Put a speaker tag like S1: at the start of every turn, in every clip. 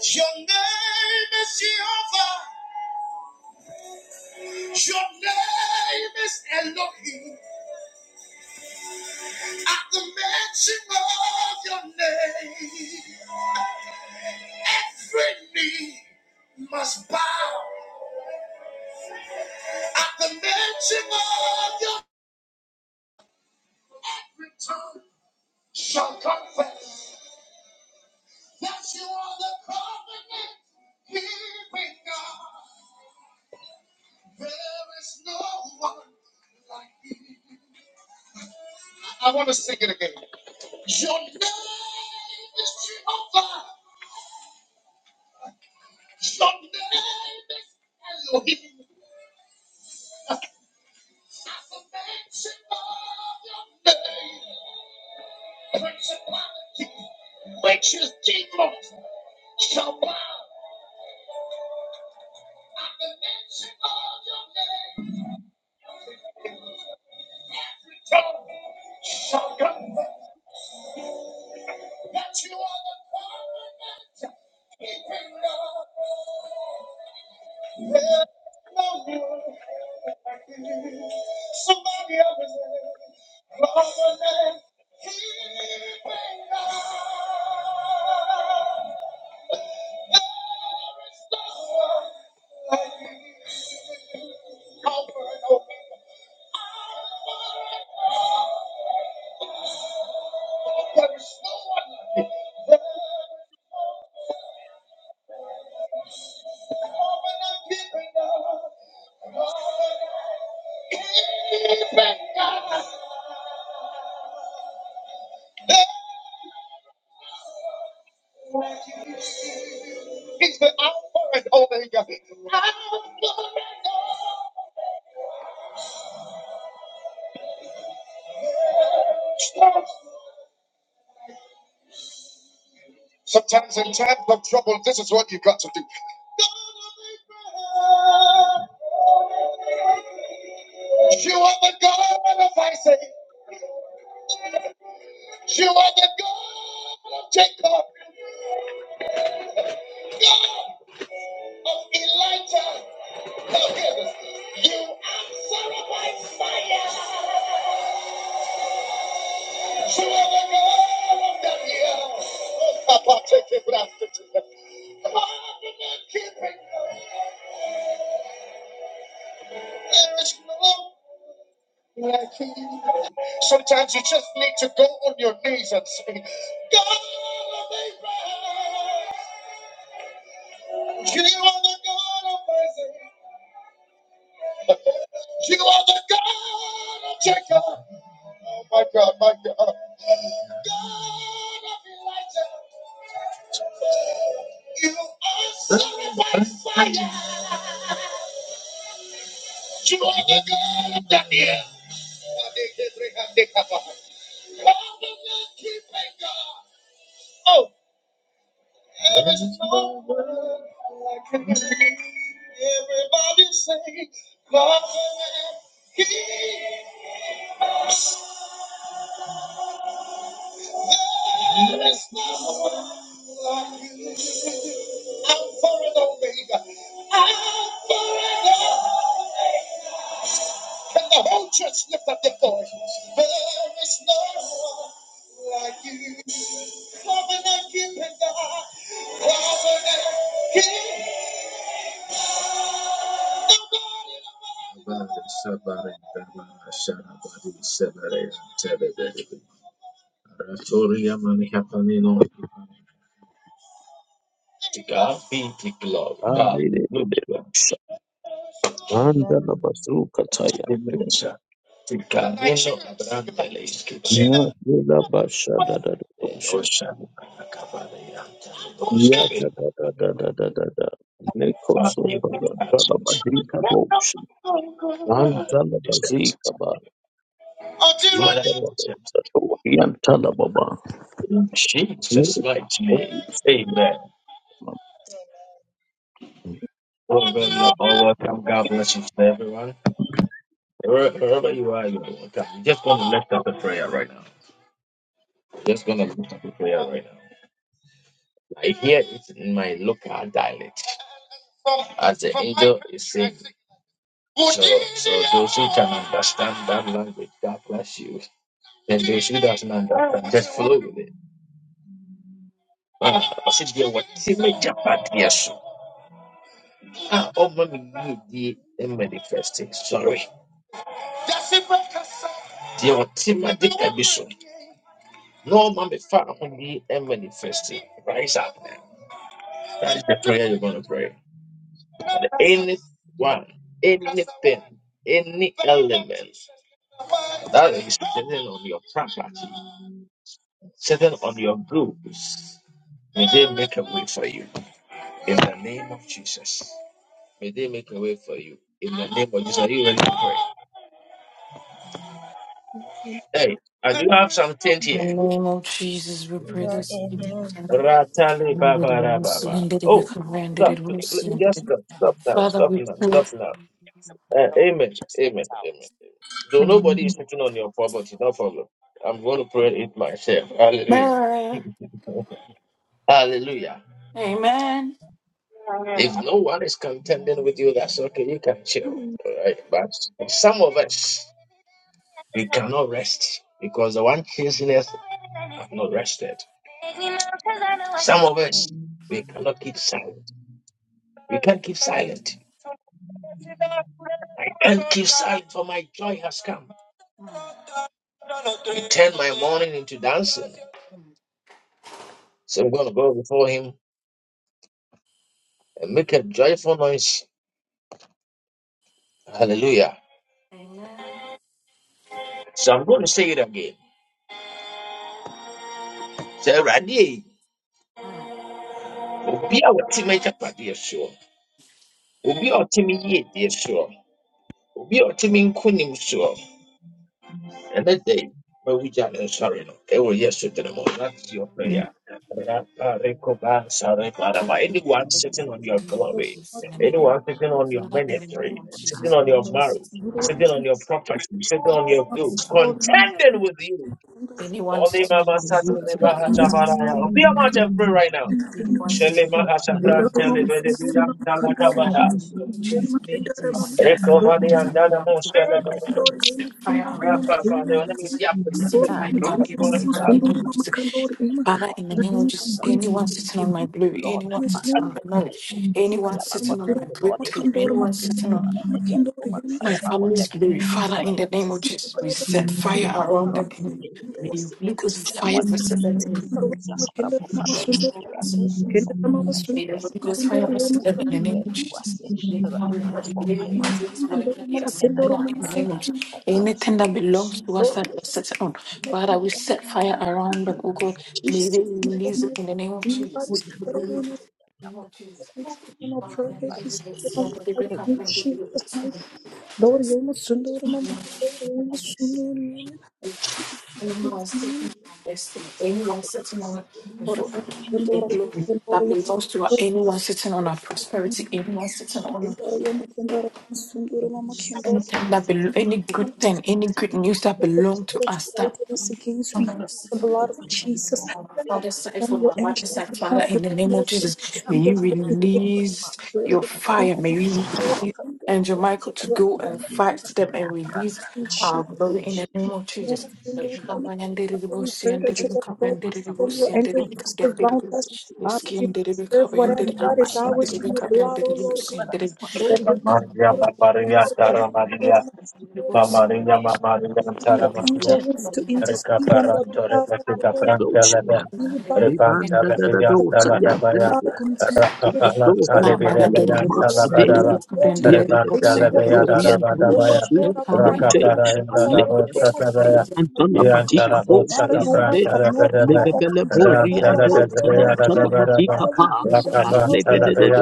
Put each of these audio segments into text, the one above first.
S1: Your name is Jehovah. Your name is Elohim. At the mention of your name, every knee must bow. At the mention of your every tongue shall confess that you are the covenant keeping God. There is no one. like. I want to sing it again. Your name is Jehovah. Your name is Elohim. Affirmation of your name. Principality, which is demons, shall bow. Affirmation of your name. Every tongue shall confess that you are the covenant keeping God. Over and over again. Sometimes in times of trouble, this is what you got to do. You are the God of Isaac. You are the God of Jacob. God of Elijah. Now hear this. You answer by fire. You are the God of Daniel. Papa, take it, blast it. Covenant keeping. There is no Sometimes you just need to go on your knees and say, God of Abraham, you are the God of Isaac, you are the God of Jacob. Oh my God, my God. God of Elijah, you are the fire. You are the God of Daniel. Oh, the God-keeping God. Oh, There's no word like a name. Everybody say, God, He, there is no one like you. Alpha and Omega, Alpha and Omega. Can the whole church lift up their voices? There is no one like you. Covenant keeping God, Covenant keeping Gloria, money happening on to God be the glory.
S2: Arire
S1: Hallelujah.
S2: shanda la bazuka taya.
S1: Hallelujah. To God be the glory.
S2: Na la bashada da da da
S1: And
S2: ushe.
S1: ocean, Kabbalah, and
S2: Ya da
S1: Oshkabin.
S2: da da da da da da da. Neko
S1: Father, you
S2: sopa
S1: be
S2: da da la
S1: absent.
S2: badika boshe.
S1: Father,
S2: Anta la
S1: is absent.
S2: bazika ba.
S1: Father, you be
S2: Ya da da da. Yanta la baba.
S1: In Jesus' mighty
S2: Neko
S1: name.
S2: sopa da da
S1: Amen.
S2: mama.
S1: Well, well, you all welcome. God bless you, everyone. Where- Wherever you are, you are I'm just going to lift up a prayer right now. I'm Just going to lift up a prayer right now. I hear it in my local dialect. As the angel is saying, so, so those who can understand that language, God bless you. And those who doesn't understand, just flow with it. Ah, I said, dear, what Timmy Japa, dear, so. Ah, oh, mommy, you, dear, manifesting. Sorry. Dear, what Timmy, did, No man be far upon thee and manifested. Rise up. now. That is the prayer you're going to pray. And anyone, anything, any element that is sitting on your property, sitting on your goods, may they make a way for you. In the name of Jesus. May they make a way for you. In the name of Jesus. Are you ready to pray?
S3: Kendra
S1: Hey, I do have something
S4: In
S1: here.
S4: the name of Jesus, we pray
S3: mama
S4: this evening.
S1: Ratale baba baba. Oh, stop. Just stop. Stop now.
S4: Father,
S1: Stop
S4: we
S1: now.
S4: pray.
S1: Stop now. Uh, amen. Amen. Amen. Though nobody is
S4: Amen.
S1: sitting on your property, no problem. I'm going to pray it myself. Hallelujah. Hallelujah.
S4: Amen.
S1: If no one is contending with you, that's okay. You can chill. All right. But some of us, we cannot rest because the one chasing us have not rested. Some of us, we cannot keep silent. We can't keep silent. I can't keep silent, for my joy has come. You turn my mourning into dancing. So I'm going to go before him and make a joyful noise. Hallelujah.
S4: Amen.
S1: So I'm going to say it again. Say, Radie, Obi a wɔte m'agyapade soɔ, obi a ɔte me yiedie soɔ, obi a ɔte me nkonim soɔ, ɛnɛ da yi, ma wogya ne sorry, no, ɛwɔ Yesu din mu. That's your prayer. Raparekobansareparabai. Anyone
S4: Father,
S1: sitting
S4: in
S1: on
S4: the name
S1: your glory, anyone sitting on your ministry,
S4: of
S1: sitting
S4: Jesus,
S1: on your
S4: anyone
S1: marriage,
S4: sitting on my life,
S1: sitting on your property, sitting on your goods,
S3: sunduri mama
S1: contending with you.
S4: anyone
S1: Holy
S4: sitting on
S1: Mama
S4: my
S1: Satele
S4: beauty,
S5: Hmm.
S1: Bahata
S4: anyone
S1: Baraya. Open
S4: sitting
S1: your
S4: on my
S1: mouth and pray right now.
S4: And
S1: Shele Mahata
S3: kendra
S1: Pran Tele
S3: mama
S1: Bede
S3: sunduri
S1: Biya
S3: mama
S1: Tala
S3: kendra
S1: Kabaya.
S4: set fire
S1: Rekomani
S4: on
S1: Andana
S4: their platform.
S1: Moskele Bede.
S4: We set fire around the
S1: Rapa Bade Onemi
S4: communities. We
S1: Diakonia.
S4: set fire on every city in the name of Jesus. Father, in the name of Jesus, anyone sitting on my blue, anyone sitting on my marriage, anyone sitting on my breakthrough, anyone sitting on
S3: mama sunduri
S4: my family's glory, Father, in the name of Jesus, we set fire around them. May you Holy Ghost fire, we set them May the Holy Ghost fire us in the name of Jesus. May everybody live in
S3: Jesus, mighty
S4: peace, whatever they are sitting on, in the name of Jesus. Anything that belongs to us that we're sitting on, Father, we set fire around them, oh God. May they release
S3: name.
S4: it in the name of Jesus.
S3: Anybody
S4: May they release it
S3: struggling
S4: in the name of Jesus.
S3: with this form of
S4: Father, may they
S3: progress is
S4: release it,
S3: from
S4: may they break up,
S3: in
S4: may they
S3: Jesus'
S4: release it.
S3: mighty name. Lord, Yema Sundora Mama, Lord, Yema Sundora Yema,
S4: Anyone sitting
S3: Sundora,
S4: on their destiny, anyone sitting on before the
S3: Sundora Yema,
S4: glory
S3: Sundora
S4: that
S3: Yema,
S4: belongs to us, anyone sitting on our prosperity, anyone sitting on us.
S3: Sundora Yema, Sundora Mama, Kendora.
S4: Anything that bel any good thing, any good news that
S3: If the
S4: belong to
S3: Father is
S4: us that
S3: fighting us against,
S4: from
S3: we use the blood of Jesus.
S4: my
S3: But
S4: father's side,
S3: Send
S4: from
S3: your
S4: my mother's
S3: angels
S4: side,
S3: to come
S4: Father, in the name
S3: between
S4: of
S3: us and
S4: Jesus,
S3: the
S4: may
S3: seed of
S4: you
S3: the day.
S4: release
S3: Glory to
S4: your
S3: the
S4: fire, may you
S3: kingdom, glory
S4: release Angel Michael
S3: to
S4: to
S3: your
S4: go and
S3: enemy,
S4: fight them and release
S3: and
S4: our
S3: shoot
S4: glory in the name
S3: and
S4: of
S3: burn
S4: Jesus.
S3: us and do them. Father, we pray that you let go. Send your angels to surround us. Father, we preserve whatever that is ours in your blood, O Lord God. Lord, Lord, Lord,
S1: Maria
S3: Lord,
S1: Maria
S3: Lord, Lord,
S1: Tara Maria.
S3: Lord, Lord,
S4: Anyone
S3: Lord.
S1: Mama Maria, Mama Maria,
S3: and
S1: Sara
S3: your
S1: Maria,
S3: angels to intercede on our
S1: Recaparanto,
S3: behalf, O
S1: Rebecca
S3: Lord.
S2: do doshe
S1: Francelebe,
S2: ya.
S3: Anybody concerned
S2: Libanda
S3: with
S2: da da
S1: Repantalebeyan,
S3: our
S2: dosa
S3: peace,
S2: yanta
S1: Taladabaya,
S2: la
S3: Father,
S2: boshe.
S3: contend with
S2: Tipo
S3: us,
S1: Rakapala,
S2: dosa
S3: O Lord.
S2: yanta la
S1: Salibirebeyan,
S3: We Send the
S2: mama.
S3: angel
S1: Talabadara,
S3: of God to
S2: By the
S3: intervene on our
S1: Rebantalebeya,
S2: blood,
S3: behalf. O Lord,
S1: Darabadabaya,
S3: Lord, have right on our
S1: Rakaparayan,
S3: behalf, and Lord,
S1: Darabo,
S3: they must bring the
S1: Satabaya, Ian
S3: Lord.
S1: Darabo,
S3: Father, nobody have no
S1: Sakaprantelebebe,
S3: power or control over our life, O
S1: Rantelebebeya,
S3: Lord God.
S1: Darabadaba,
S3: Father, we pray that you, Lord God,
S1: Rakapantelebeya,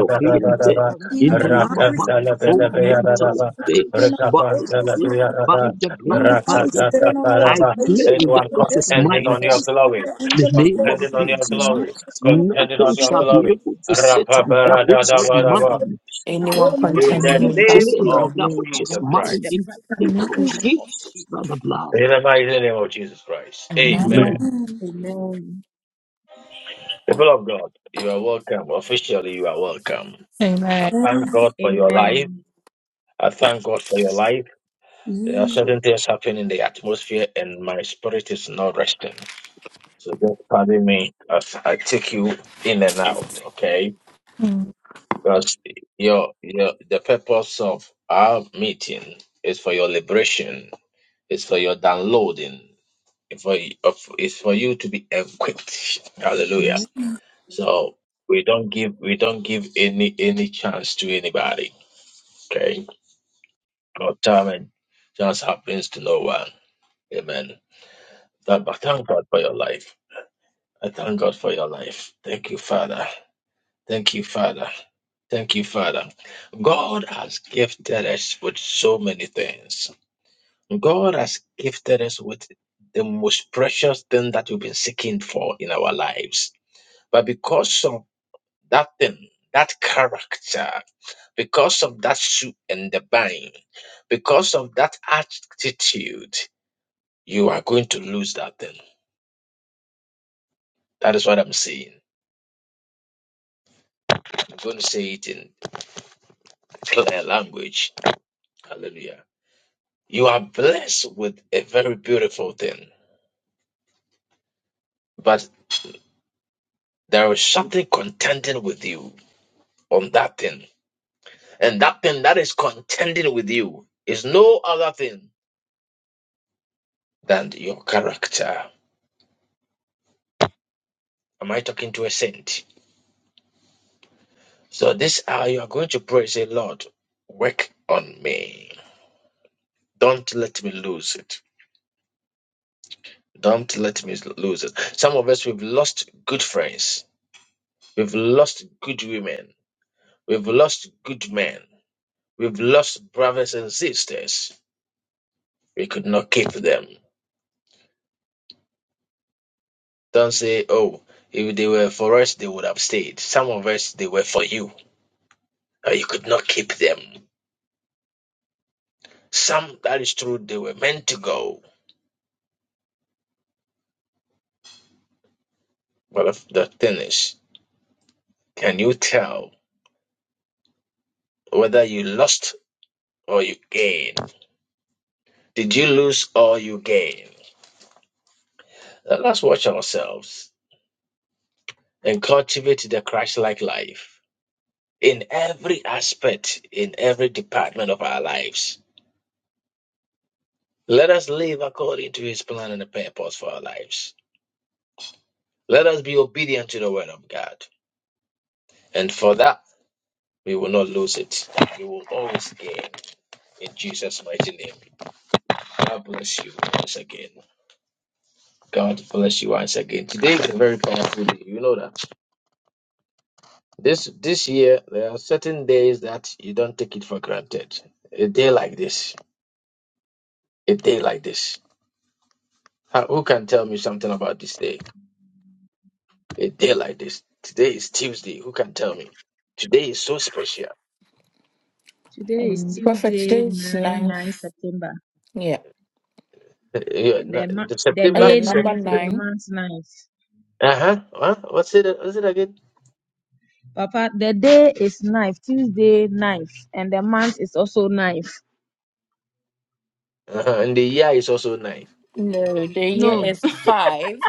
S3: we
S1: Darabadaba,
S3: step in our marriage, in God,
S1: Rakantelebebeya, Darabadaba,
S3: in our churches,
S2: by
S1: Rekapantalabiyarada,
S2: the blood, by
S3: Anybody
S2: the
S3: sitting on our
S2: I
S1: ratatataparaba.
S3: station in
S2: claim that
S1: Anyone
S3: the
S2: which
S3: bus,
S2: is
S1: contending
S2: mine
S1: on
S3: Father,
S1: your
S3: we send
S1: glory,
S3: the
S2: the
S3: angel of
S2: name of
S3: God to
S1: contending on your
S2: Jesus.
S3: mark
S1: glory,
S3: us on our
S1: contending on
S2: Nothing
S1: your
S2: shall be
S1: glory.
S2: able to sit on that which is
S1: Rapabaradadabaraba.
S2: mine. I
S1: In
S4: containing
S1: the
S2: rightly
S3: Sunday.
S4: with us
S1: name
S4: about our
S1: of
S2: claim that
S4: glory.
S2: which is
S1: Jesus Christ.
S2: mine in the name of
S3: Amen.
S2: Jesus by the blood.
S1: In the mighty name of Jesus Christ. Amen.
S4: Amen.
S1: People of God, you are welcome. Officially, you are welcome. I
S6: Amen.
S1: thank God
S3: Amen.
S1: for your life. I thank God for your life. There are
S3: Amen.
S1: certain things happening in the atmosphere, and my spirit is not resting. So just pardon me as I take you in and out, okay?
S6: Mm.
S1: Because your your the purpose of our meeting is for your liberation, it's for your downloading, it's for of- it's for you to be equipped. Hallelujah. So we don't give we don't give any any chance to anybody, okay? No time and chance happens to no one. Amen. But I thank God for your life. I thank God for your life. Thank you, Father. Thank you, Father. Thank you, Father. God has gifted us with so many things. God has gifted us with the most precious thing that we've been seeking for in our lives. But because of that thing, that character, because of that shoe and the bind, because of that attitude, you are going to lose that thing. That is what I'm saying. I'm going to say it in clear language. Hallelujah. You are blessed with a very beautiful thing, but there is something contending with you on that thing. And that thing that is contending with you is no other thing than your character. Am I talking to a saint? So this hour you are going to pray, say, Lord, work on me. Don't let me lose it. Don't let me lose it. Some of us, we've lost good friends. We've lost good women. We've lost good men. We've lost brothers and sisters We could not keep them. Don't say, oh, if they were for us, they would have stayed. Some of us, they were for you. Now you could not keep them. Some, that is true, they were meant to go. But the thing is, can you tell whether you lost or you gained? Did you lose or you gained? Now Let's watch ourselves and cultivate the Christ like life in every aspect, in every department of our lives. Let us live according to his plan and the purpose for our lives Let us be obedient to the word of God. And for that, we will not lose it. We will always gain. In Jesus' mighty name. God bless you once again. God bless you once again. Today is a very powerful day. You know that. This this year there are certain days that you don't take it for granted. A day like this. A day like this. How- Who can tell me something about this day? A day like this. Today is Tuesday. Who can tell me? Today is so special.
S4: Prophet, today is nine. Yeah.
S1: Yeah, no, the
S4: And the
S1: September.
S4: number nine,
S1: Uh-huh. Huh? What's it what's it again? Uh-huh. And the year is also nine.
S4: no, the year is five.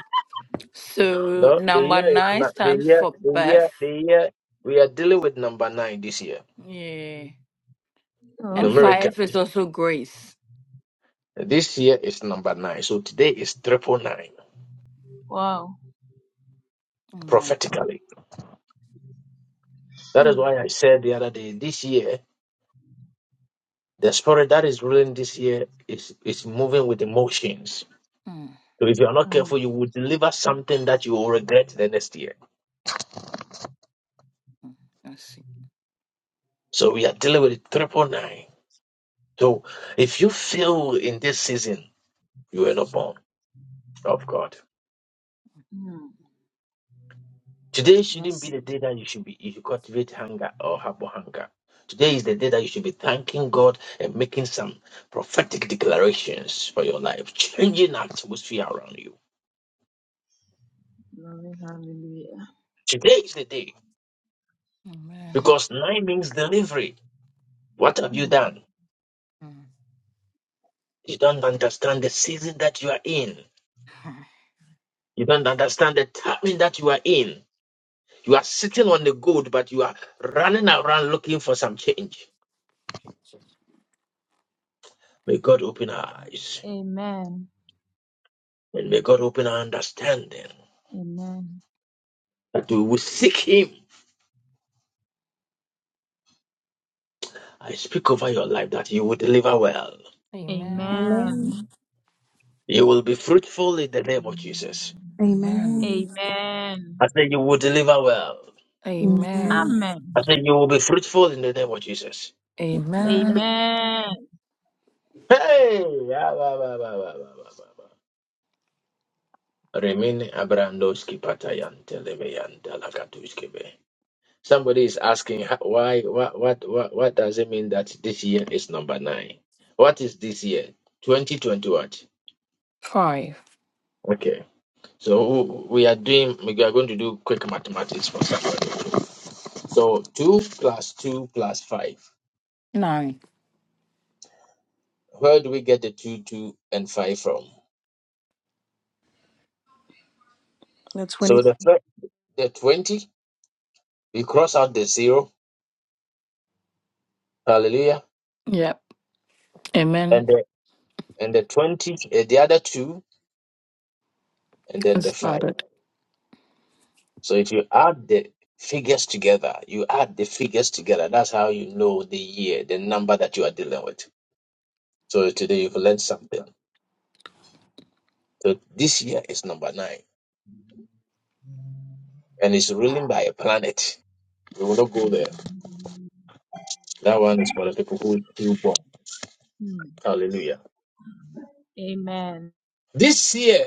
S4: So
S1: No, the
S4: number
S1: year is
S4: nine
S1: not the
S4: stands
S1: year
S4: for
S1: the
S4: birth.
S1: year the year we are dealing with number nine this year.
S4: Yeah.
S7: Oh,
S4: And
S7: okay.
S4: five is
S1: Numerically.
S4: also grace.
S1: This year is number nine. So today is triple nine
S7: Wow.
S4: Amen.
S1: prophetically. That is why I said the other day, this year, the spirit that is ruling this year is is moving with emotions.
S4: Hmm.
S1: So if you are not careful, you will deliver something that you will regret the next year.
S4: Mm, I see.
S1: So we are dealing with triple nine. So if you fail in this season, You were not born of God. Today shouldn't be the day that you should be you should cultivate hunger or harbor hunger. Today is the day that you should be thanking God and making some prophetic declarations for your life, changing the atmosphere around you. Today is the day
S4: Amen.
S1: because nine means delivery. What have you done?
S4: Mm.
S1: You don't understand the season that you are in. You don't understand the timing that you are in. You are sitting on the gold, but you are running around looking for some change. May God open our eyes
S7: Amen.
S1: And may God open our understanding
S7: Amen.
S1: that we will seek Him. I speak over your life that you will deliver well.
S3: Amen.
S7: Amen.
S3: Amen.
S4: Amen.
S1: You will be fruitful in the name of Jesus.
S4: Amen.
S7: Amen.
S1: I say you will deliver well.
S4: Amen.
S7: Amen.
S1: I say you will be fruitful in the name of Jesus.
S4: Amen.
S7: Amen.
S1: Hey! Ah, bah, bah, bah, bah, bah, bah, bah, bah. Remini abrandoski patayan telemeyan dalakatuskebe. Somebody is asking "Ha- why, what, what, what, what does it mean that this year is number nine? What is this year? 2020 what?
S4: Five.
S1: Okay. So we are doing, we are going to do quick mathematics for somebody. So 2 plus 2 plus 5.
S4: Nine.
S1: Where do we get the 2, 2, and 5 from? So the fir- the 20, we cross out the 0, hallelujah,
S4: Yep. Amen.
S1: and the, and the 20, eh, the other 2, and then
S4: It
S1: the 5.
S4: started.
S1: So if you add the figures together, you add the figures together, that's how you know the year, the number that you are dealing with. So today you've learned something. So this year is number 9, and it's ruling by a planet. We will not go there. That one is for the people who feel born.
S7: Hmm.
S1: Hallelujah.
S7: Amen.
S1: This year,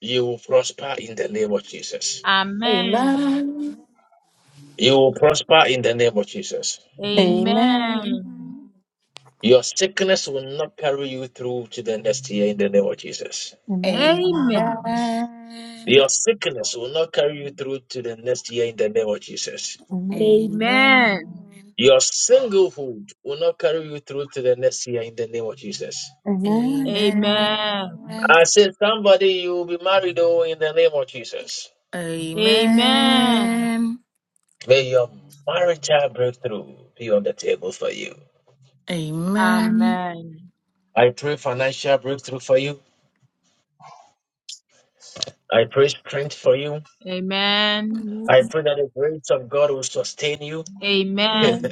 S1: you will prosper in the name of Jesus.
S7: Amen.
S4: Amen.
S1: You will prosper in the name of Jesus.
S7: Amen.
S4: Amen.
S1: Your sickness will not carry you through to the next year in the name of Jesus.
S4: Amen.
S7: Amen.
S1: Your sickness will not carry you through to the next year in the name of Jesus.
S3: Amen.
S4: Amen.
S7: Amen.
S1: Your singlehood will not carry you through to the next year in the name of Jesus.
S3: Amen.
S7: Amen.
S3: Amen.
S4: Amen.
S7: Amen.
S1: I said, somebody, you will be married oh, in the name of Jesus.
S7: Amen.
S4: Amen.
S1: May your marital breakthrough be on the table for you.
S4: Amen.
S1: I pray financial breakthrough for you. I pray strength for you.
S7: Amen.
S3: Amen.
S1: I pray that the grace of God will sustain you.
S7: Amen.
S3: Amen. Amen. Amen. Amen.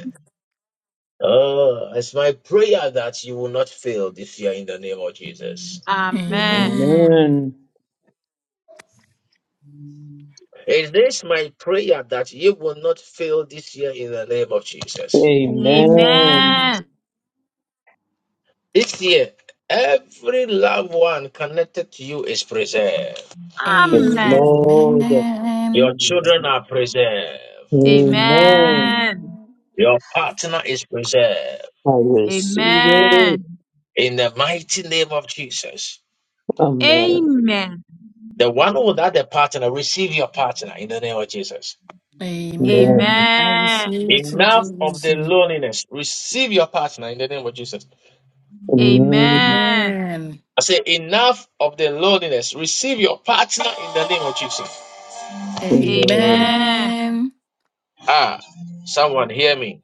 S1: Oh, it's my prayer that you will not fail this year in the name of Jesus.
S3: In the name of
S2: Amen. Amen.
S1: It is my prayer that you will not fail this year in the name of Jesus.
S3: my
S4: Amen.
S2: Amen.
S4: Amen.
S7: Amen.
S1: This year, every loved one connected to you is preserved.
S3: God,
S2: Yes,
S3: we
S7: Amen. Amen.
S4: Amen.
S2: Lord.
S1: Your children
S2: Amen.
S1: are preserved.
S4: Amen.
S2: Amen.
S7: Amen.
S1: Your partner is preserved.
S2: I
S3: will
S2: receive it.
S7: Amen.
S1: in the mighty name of Jesus.
S2: Amen.
S7: Amen.
S1: The one without a partner, receive your partner in the name of Jesus.
S2: Amen.
S4: Amen. I
S7: Amen.
S4: receive it in
S1: Enough of
S4: Jesus'
S1: the
S4: name.
S1: loneliness, receive your partner in the name of Jesus.
S2: Amen.
S7: Amen.
S4: Amen.
S1: I say, enough of the loneliness, receive your partner in the name of Jesus.
S2: Amen.
S7: Amen.
S4: Amen.
S1: Ah, someone hear me.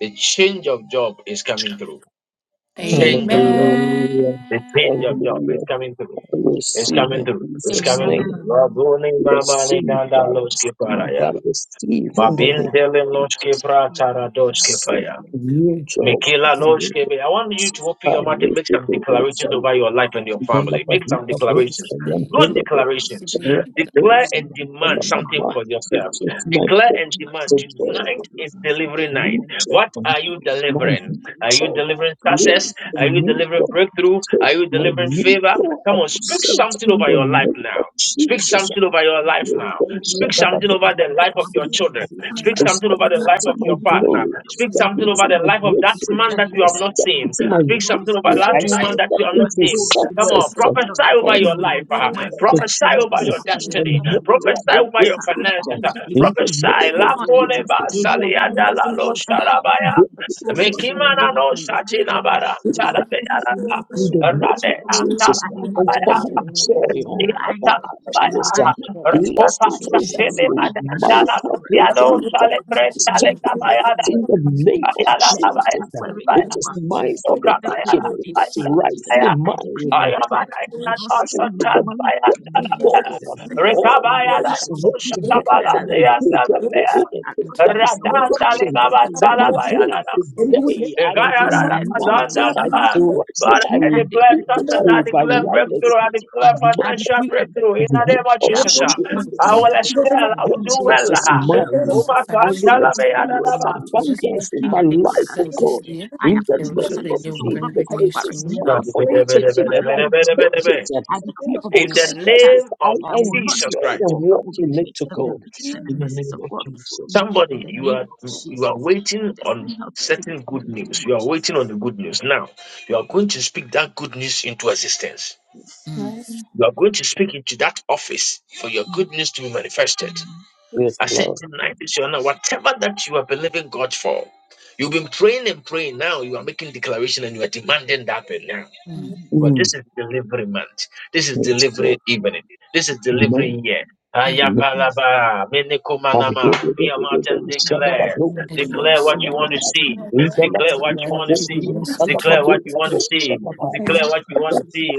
S1: The change of job is coming through. Change of
S7: Amen.
S1: job.
S2: Hallelujah.
S1: The change of
S4: Amen.
S1: job
S2: Hallelujah.
S1: is coming through. It's
S2: Receive
S1: coming
S2: in
S1: through. It's
S2: Jesus'
S1: coming
S2: name.
S1: through.
S7: Amen.
S2: Receive, I receive, I receive in the name of
S1: Mabindele loshke
S2: Jesus.
S1: pratara doshke
S2: Set
S1: paya.
S2: a new job in
S1: Mikila
S2: the name
S1: loshke
S2: of
S1: be. I want you to
S2: Jesus.
S1: open
S2: I
S1: your mouth and
S2: lift
S1: make
S2: it
S1: some
S2: up,
S1: declarations
S2: say,
S1: over your life and your family. Make some
S2: Galabadika
S1: declarations.
S4: Jesus,
S2: Bosha,
S4: today,
S1: Good
S2: Yantelebo,
S1: declarations. Declare
S2: Rakadosha,
S1: and demand something
S2: Yantelamama.
S1: for
S2: It
S1: yourself.
S2: is my
S1: Declare and
S2: portion
S1: demand
S2: to
S1: tonight
S2: go
S1: is delivery night. What are you
S2: my
S1: delivering? Are you
S2: so my
S1: delivering
S2: prayer,
S1: success?
S2: I
S1: Are you
S2: need
S1: delivering
S2: your
S1: breakthrough? Are
S2: take
S1: you
S2: my
S1: delivering
S2: need
S1: favor?
S2: your
S1: Come on, speak
S2: upset
S1: something
S2: in
S1: over
S2: the
S1: your life
S2: name
S1: now.
S2: of
S1: Speak
S2: Jesus. I
S1: something over your life now.
S2: step
S1: Speak something over the life of your children. Speak something over the life
S2: into
S1: of
S2: my
S1: your partner.
S2: glory, I
S1: Speak
S2: step
S1: something over
S2: into
S1: the
S2: my
S1: life of that man
S2: greatness,
S1: that you
S2: I
S1: have not
S2: step
S1: seen.
S2: into my
S1: Speak something over
S2: victory,
S1: that
S2: I
S5: Amen.
S4: today,
S1: woman that
S2: step
S1: you have not
S2: into
S1: seen. Come
S2: success.
S1: on, prophesy over
S2: Oh, my
S1: your
S4: focus
S1: life.
S4: on
S1: uh,
S4: my
S2: God.
S3: not
S1: prophesy
S4: Help
S1: over your
S4: us in your
S3: pray
S1: destiny.
S2: I'm not
S4: own
S1: Prophesy
S4: life.
S1: over
S2: grateful
S1: your finances. uh,
S3: to
S2: in the
S1: prophesy.
S2: name of
S4: Is
S1: La
S4: there
S1: pole
S4: one
S1: ba
S2: Jesus.
S4: on
S1: saliada la
S3: the Lord. We
S1: lo
S3: love you, God.
S1: sharabaya.
S3: We love
S4: Is there
S1: Mekimana
S4: one
S1: no
S4: thing
S3: you, Lord. of my
S1: satina bara
S3: prayer, the Lord of my
S4: without?
S1: talabeya.
S3: prayer,
S2: in the name
S1: Rade
S2: of
S3: Let the
S2: Jesus.
S3: angels,
S4: Is there
S2: Uncommon
S4: one
S2: joy,
S4: thing? What
S2: uncommon
S1: antala
S4: it was like,
S2: happiness,
S1: baya.
S2: and
S4: what they are,
S1: Rapopa
S2: blessings
S4: it should.
S1: Satele
S2: overflow,
S1: Madandala
S2: marital
S3: let
S1: Piano
S3: them
S2: breakthrough.
S3: be
S1: Sale
S3: weapons for
S4: Such a
S3: the
S2: Step
S1: Brentale
S4: chicken
S3: victory
S4: and
S3: with us.
S1: Kabayada
S4: son.
S2: in the name
S4: Such
S2: of
S4: a
S1: Ayala
S4: chicken
S1: Abaya
S2: Jesus.
S4: and
S3: I
S4: son in
S2: It
S4: a
S1: Abaya
S2: is
S4: little
S2: mine
S4: cheese.
S2: for the
S1: Okabayala
S2: taking.
S3: declare
S4: We
S2: It is
S1: Ayala
S4: see.
S2: rightfully
S1: Ayala
S4: Name.
S2: mine.
S1: Ayabanaya
S3: creation
S2: What a
S1: Asantala
S2: freaking word of
S3: and
S1: Bayandala
S4: into
S3: there is
S2: God.
S3: nothing good about it.
S2: Oh,
S3: There is
S1: Rekabayada
S2: it's
S3: nothing
S2: work
S3: good
S2: together
S1: Shatabala
S2: for my good.
S1: Yandala
S3: about it. There is
S2: Therefore, anything that
S4: my
S2: is
S3: nothing
S2: no
S3: good about
S1: Radandale
S2: working for
S1: Gabandala
S2: my
S4: whatever
S2: good
S1: Bayada
S3: And do it.
S4: is
S3: Do it.
S2: today,
S1: but
S2: I
S1: I
S3: Do
S4: little
S2: denounce
S4: sustaining
S3: it.
S2: it, I crush it, I
S1: declare
S2: rebuke it, I
S4: just
S1: success,
S4: not
S1: I
S4: getting
S1: declare
S2: override
S4: the peace.
S2: it.
S1: breakthrough, I declare
S2: Lord,
S1: financial breakthrough
S2: in
S1: in
S2: the
S1: the
S2: name
S1: name of
S2: of
S1: Jesus. ah.
S4: The
S2: Jesus
S1: I
S4: resolution
S1: will excel, I will do
S2: richness
S1: well.
S2: is
S1: ah.
S2: mine.
S1: Uma
S2: I
S4: financial
S2: will
S4: in
S1: kantala me
S4: the
S2: experience
S4: name of
S1: adadaba.
S3: I
S4: Jesus.
S2: abundance in
S4: I
S2: my
S4: will
S2: life, oh
S4: sell this
S2: God.
S4: year.
S2: In the
S4: The rest of
S2: name
S4: the
S2: of
S4: year will bring good
S2: Jesus, it
S4: news to
S2: is
S4: me.
S3: am
S2: mine for the
S3: great
S2: taking, and I take it. um,
S3: and
S2: I
S3: famous
S1: In the
S2: possess it.
S1: name
S2: I
S1: of Jesus
S2: enjoy
S1: Christ.
S2: and walk in it to God.
S3: man.
S2: In the name of Jesus.
S1: Somebody, you are you are waiting on certain good news. You are waiting on the good news. Now you are going to speak that good news into existence.
S3: I'm
S1: You are going to speak into that office for your good news to be manifested.
S2: Yes,
S3: fixed.
S1: I said,
S2: Lord.
S1: tonight is your night. Whatever that you are believing God for, you've been praying and praying. Now you are making declaration and you are demanding that thing now.
S4: Mm,
S1: But
S2: Mm.
S1: this is delivery month. This is
S2: Yes,
S1: delivery
S2: Lord.
S1: evening. This is
S2: Amen.
S1: delivery year.
S4: mm,
S2: Amen.
S1: Ayapalaba,
S2: I give
S1: menikomanama.
S2: you
S1: Open
S2: the-
S1: your
S2: the-
S1: mouth
S2: the-
S1: and
S2: the Shabbat, I
S1: declare.
S2: do it, and
S1: Declare what
S2: I'm
S1: you
S2: a
S4: mm.
S1: want to
S2: man.
S1: see.
S2: In
S4: I
S2: the name
S1: Declare
S2: of
S1: what
S2: Jesus,
S1: you
S2: I
S4: declare
S1: want
S2: do
S1: to
S2: it,
S1: see.
S2: and
S4: kidneys
S2: I'm a
S4: unto
S1: Declare
S4: me.
S1: what
S2: man.
S1: you
S2: I
S1: want
S2: do
S1: to
S2: it,
S1: see.
S3: I
S1: Declare what you
S2: Shabbat.
S1: want to see.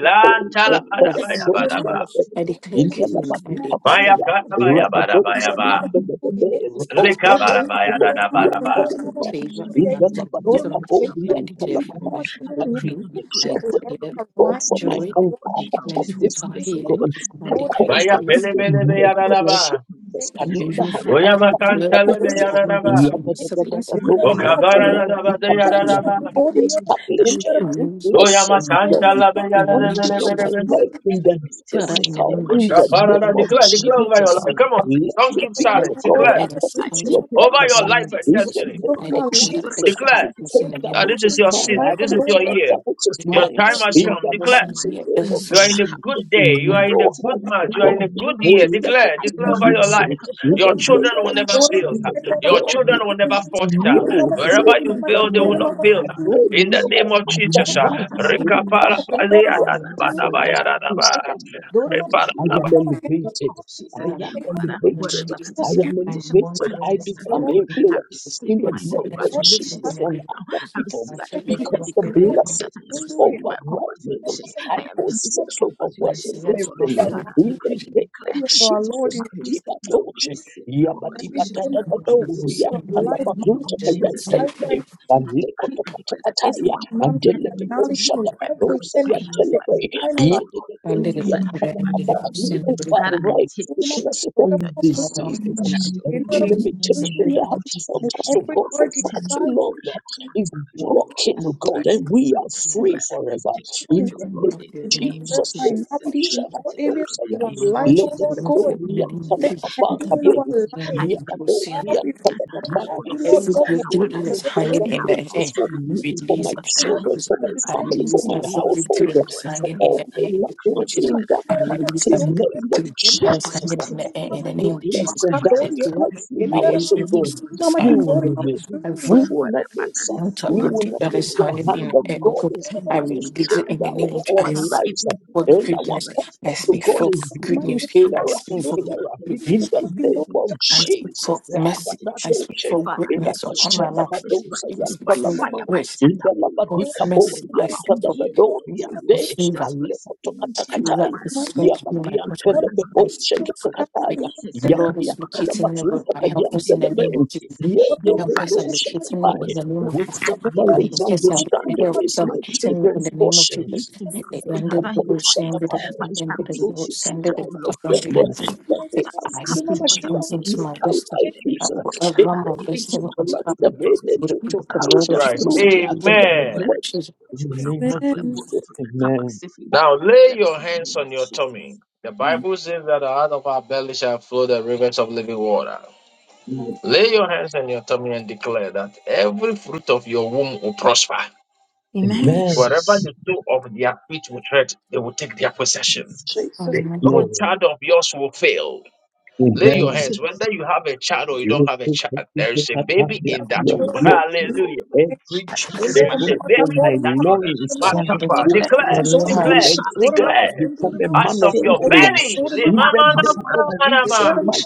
S3: never
S4: Lord,
S3: was
S4: That's
S1: Lantala
S4: continued. I
S3: a
S4: declare goodness. I declare
S1: Maya karabaya barabaya
S3: Lord,
S1: ba.
S3: mother, Suri, eh?
S1: Lika
S4: settlement
S3: Lord, Lord, mother,
S4: I declare
S1: barabaya
S3: Kendra, mama,
S1: barabaya ba.
S3: Kondor, mama,
S4: favor
S3: Suri,
S4: and
S3: eh?
S4: rounds of
S3: Lord, mother,
S4: settlement.
S3: Kendra,
S4: I
S3: mama,
S4: declare
S3: Suri, mama,
S4: financial
S3: Kendra, eh?
S4: breakthrough. I
S3: Declare
S2: Thank
S4: declare
S3: a
S2: God,
S3: line
S2: for
S3: in
S2: my
S3: the
S4: joy.
S2: own
S3: Lord
S4: I
S3: in
S4: declare
S3: Jesus'
S4: total
S3: mighty
S2: business,
S3: name.
S2: God.
S4: healing. I
S2: I
S3: Lord,
S4: declare
S2: call
S1: Maya
S2: for
S4: peace.
S2: in
S1: pele
S2: the
S1: mele be
S4: I
S2: name of
S1: yarara ba.
S4: declare
S2: Jesus.
S3: eh?
S2: Kaliba
S4: unusual
S2: han-
S4: flow.
S1: Oya
S4: I declare
S1: makantale be
S3: Lord, mother,
S1: yarara
S3: Kendra,
S1: ba.
S4: surrenders from
S3: eh?
S4: siblings. I
S3: Kendra,
S2: Yadadadadadadori
S3: mama,
S2: and
S4: declare
S3: Kondor,
S1: Okabara da
S3: mama,
S1: ba de
S3: Suri,
S2: telebadikabaya.
S1: yarara
S4: completion
S3: mama,
S1: ba.
S2: I
S3: Kondor, eh?
S2: establish
S3: Kendra,
S4: of
S3: mama,
S2: every
S4: plans
S3: Suri,
S1: Oya
S3: mama,
S2: blessing,
S3: Kondor, eh?
S2: God.
S1: masantala be
S3: Mama,
S4: in the
S1: yarara
S2: And
S4: name
S2: you
S4: of
S1: be
S3: Jesus'
S2: know
S1: be be
S2: my
S4: Jesus.
S1: be.
S3: mighty
S2: life in
S3: name.
S2: the
S4: Father, in the
S2: physical,
S4: name of
S2: in the
S4: Jesus,
S1: Ushapara da
S2: name
S4: whatever
S2: of
S1: declare, declare over your
S2: Jesus.
S4: happens,
S1: life. Come on,
S2: Let
S1: don't
S2: it
S1: keep
S3: Kendra,
S2: be,
S3: mama,
S4: Let
S1: silent.
S2: your
S4: the
S2: God,
S3: Kondor,
S1: Declare
S3: mama,
S4: elders
S3: Suri,
S2: according
S4: come
S2: to
S3: mama,
S4: to
S3: Kondor,
S2: your
S3: eh?
S4: pass
S1: over
S4: in the
S2: purpose.
S1: your
S4: name
S1: life
S4: of
S1: and
S2: In
S4: Jesus.
S2: the
S1: destiny.
S3: For
S2: name
S4: I
S3: my
S2: of
S3: life,
S4: declare that elders
S2: Jesus,
S4: come
S2: I
S4: to
S1: Declare
S3: I
S4: pass
S3: will Lord,
S4: in the
S2: take that
S4: name
S1: that
S4: of
S2: which
S1: this is
S2: is
S3: thank
S4: Jesus.
S1: your
S3: you for
S2: mine.
S3: my life,
S1: season.
S2: I
S1: This
S3: I'm
S1: is
S3: Lord,
S1: your
S3: my
S2: possess
S1: year.
S2: that which is
S1: Your
S2: mine.
S1: time has
S4: Even
S2: In
S1: come.
S2: the
S4: those
S1: Declare.
S4: not
S2: mighty
S4: here,
S2: name
S4: this
S2: of
S4: is
S1: You
S4: my
S1: are in a
S4: time.
S2: Jesus,
S1: good day. You are in a
S2: your
S1: good
S2: hand,
S1: month.
S2: O
S1: You are in
S2: God,
S1: a good
S2: will
S1: year.
S2: limit
S1: Declare, declare
S2: my
S1: over your
S2: blessing.
S1: life.
S2: In
S3: Jesus,
S1: Your
S2: the
S3: love me,
S1: children
S2: name
S1: will
S2: of
S1: never
S3: love
S1: fail.
S2: Jesus, O
S1: Your
S2: God,
S1: children will
S2: it's
S1: never falter.
S2: you who's
S1: Wherever you
S2: opened that
S1: fail, they will
S2: door.
S1: not fail.
S2: I pray
S1: In
S2: no
S1: the name of
S2: other
S1: Jesus,
S2: hand
S4: Name,
S2: will ever block
S4: um, through-
S2: me. I am elevated. I
S4: um,
S2: am elevated. I am
S4: I'm born
S2: elevated.
S4: for the
S2: I
S4: Lord, still
S2: become
S4: in the Jesus.
S2: influence in
S4: My
S2: the name of
S4: siblings will not feel
S2: Jesus
S4: in the
S2: on
S4: name of
S2: other
S4: Jesus.
S2: people
S4: My siblings will
S2: because
S4: not
S2: the
S4: feel in the name of
S2: blessing is
S4: Jesus.
S3: me,
S2: overwhelming. I possess
S4: My
S2: overwhelming
S3: May
S4: siblings will
S3: we
S4: not
S3: be
S2: blessing
S4: feel
S3: aligned
S4: in
S2: in
S3: with
S2: the name of
S3: you, our Lord
S2: Jesus.
S3: in Jesus'
S2: Diba
S3: name.
S2: doce, yaba diba da
S3: Everything
S2: da da do,
S3: of
S2: yam
S4: the
S2: ala
S3: life,
S4: name
S2: mazuta,
S3: manifest in
S4: of
S2: yam
S4: Jesus.
S3: our
S2: tele
S3: life
S2: me,
S3: right now.
S2: and leko
S3: This
S2: to
S3: is the
S2: and
S3: month of
S2: Andelebebo
S3: finality in
S2: shadabado
S3: every sense of the
S2: sayantelebe.
S3: final life.
S2: Yedebebo
S4: Under the book of and
S2: yantabakaba.
S4: the book
S2: We
S4: send. Bandere bukaba bandere busende buri
S2: override
S4: bamwe
S2: sickness and
S4: aho bafite
S2: diseases. Every
S4: Jesus accepted
S2: limitation that has fought
S3: May
S2: us, oh
S3: every
S2: God, for
S3: word you
S2: far too
S3: desire
S2: long is
S3: you
S2: broken, oh God,
S3: speak
S2: and we are
S3: and
S2: free
S3: go
S2: forever.
S3: through.
S2: In the name
S4: in
S3: we
S2: of
S4: the name
S3: declare
S2: Jesus
S4: of
S2: Christ.
S4: Jesus.
S3: finality in all
S2: Shadabado
S3: areas of
S2: and
S3: our
S4: I want You know,
S3: life,
S4: launch
S3: O
S4: one
S3: Lord
S4: will not
S3: God.
S2: Yedebebo
S4: feel in the name of
S3: Then
S4: Jesus.
S2: yantabakaba.
S3: ending in our
S4: When
S3: life.
S4: did you
S2: Yedebebo
S3: Now we pray
S2: yantabakaba.
S3: that you, Lord
S4: Every
S2: Things
S3: God,
S2: are
S3: will
S4: breakthrough
S2: falling
S4: that
S2: in
S4: is
S3: accelerate it.
S4: hanging
S2: pleasant
S4: in the
S2: places
S4: air,
S2: for me, for
S3: May
S4: release
S2: my
S4: it.
S3: every heart
S4: Lord
S2: children,
S4: Jesus.
S2: for
S3: desire
S2: my
S3: be
S4: I
S3: met
S2: family,
S3: in
S2: for
S4: release
S2: my
S3: Jesus'
S4: every
S2: household,
S4: breakthrough that is
S2: for
S4: hanging in the
S2: all my
S4: air in the
S2: loved
S4: name of
S2: ones
S4: Jesus.
S2: in the
S4: I release
S2: mighty
S3: name.
S4: every
S2: name of
S4: breakthrough that
S3: Kindle,
S4: is
S2: Jesus.
S4: hanging in the air in
S2: And
S4: the
S2: the
S4: name of Jesus.
S2: blessing that is
S4: Declare,
S2: rightfully ours
S4: release
S2: should go.
S4: every success. I
S2: We
S4: release
S2: will not miss. We
S4: every
S2: will not miss.
S4: mental
S2: We will
S4: breakthrough
S2: not
S4: that
S2: miss
S4: is
S2: the
S4: hanging in
S2: hand
S4: the
S2: of
S4: air. Oh
S2: God
S4: God,
S2: is
S4: I
S2: becoming
S4: release it in the
S2: stronger
S4: name
S2: over
S4: of
S2: our
S4: Jesus. I
S2: lives.
S4: for
S2: And our
S4: goodness. I
S2: purpose of
S4: speak
S2: God
S4: for
S2: is
S4: good
S2: becoming
S4: news. I
S2: clearer
S4: speak
S2: and
S4: for
S2: clearer.
S4: breakthrough.
S2: In the name of
S4: I speak
S2: Jesus.
S4: for mercy. I speak for greatness upon my life.
S2: Ilabashadabadosa
S4: I speak for
S2: yantalamama.
S4: grace, for
S2: Indalabadikabo
S4: mercy. I speak for
S2: yantadabadori
S4: for
S2: yande.
S4: favor. That
S2: Alekotokatakataya.
S4: is going to be my portion.
S2: Yabadiyantelebebo
S4: I speak for
S2: shekitakataya.
S4: the Lord is locating me with my helpers in the name
S2: Yabdiyantadabazuntakayantelemen.
S4: of Jesus. Helpers are locating me in
S2: Yedededoshadabai.
S4: the name of Jesus.
S2: Wisdom, knowledge,
S4: Helpers are
S2: understanding is
S4: helpers are
S2: my
S4: locating me in
S2: children's
S4: the name of
S2: portion.
S4: Jesus. They ended the person with
S2: Yekaposhadabai.
S4: the end with
S2: It
S4: the
S2: will
S4: Lord,
S2: be
S4: send it
S2: said of
S4: upon
S2: them
S4: the
S2: uh, that they
S4: Lord.
S2: have
S4: I speak
S2: reached that
S4: once into my
S2: mental
S4: destiny.
S2: IQ,
S4: that
S2: sir
S4: Whatever my
S2: to
S4: destiny is
S2: bless
S4: happy.
S2: them, amen,
S4: The
S2: to, to
S4: the
S2: carry
S4: Lord
S2: them
S4: is
S1: Christ.
S2: through
S4: using
S2: the
S4: using in the
S2: academic
S1: Amen.
S4: name
S2: work.
S4: of Jesus.
S2: In the name of Jesus, amen.
S1: Now lay your hands on your tummy. The
S4: Amen.
S1: Bible says that out of our belly shall flow the rivers of living water. Lay your hands on your tummy and declare that every fruit of your womb will prosper.
S3: Amen.
S2: Amen.
S1: Wherever you sow of their feet will tread, they will take their possession.
S3: Jesus.
S2: Yes,
S1: No
S2: Lord.
S4: Amen.
S1: child of yours will fail. Lay your
S2: Amen.
S1: hands, whether you have a child or you don't
S2: Yes,
S1: have a
S2: Lord.
S1: child, there
S2: Yes,
S1: is a
S2: Lord.
S1: baby in that
S2: Yes,
S1: womb.
S2: Lord.
S3: My
S1: Hallelujah.
S2: Every child
S1: There is
S2: born
S1: a baby
S2: from
S1: in
S2: my
S1: that womb.
S2: loins
S1: My
S2: that
S4: Send it upon the
S1: papa,
S2: will
S1: declare,
S4: Lord. I
S2: prosper,
S4: lay
S2: will
S1: declare,
S4: hands
S2: excel,
S1: declare.
S2: become a
S1: Out
S2: man
S1: of
S2: of
S1: your
S2: influence.
S1: belly, le- ma-
S2: In the
S1: ma- na-
S2: name
S1: ma-
S2: of
S1: na- ma- na-
S2: Jesus,
S1: ma.
S2: my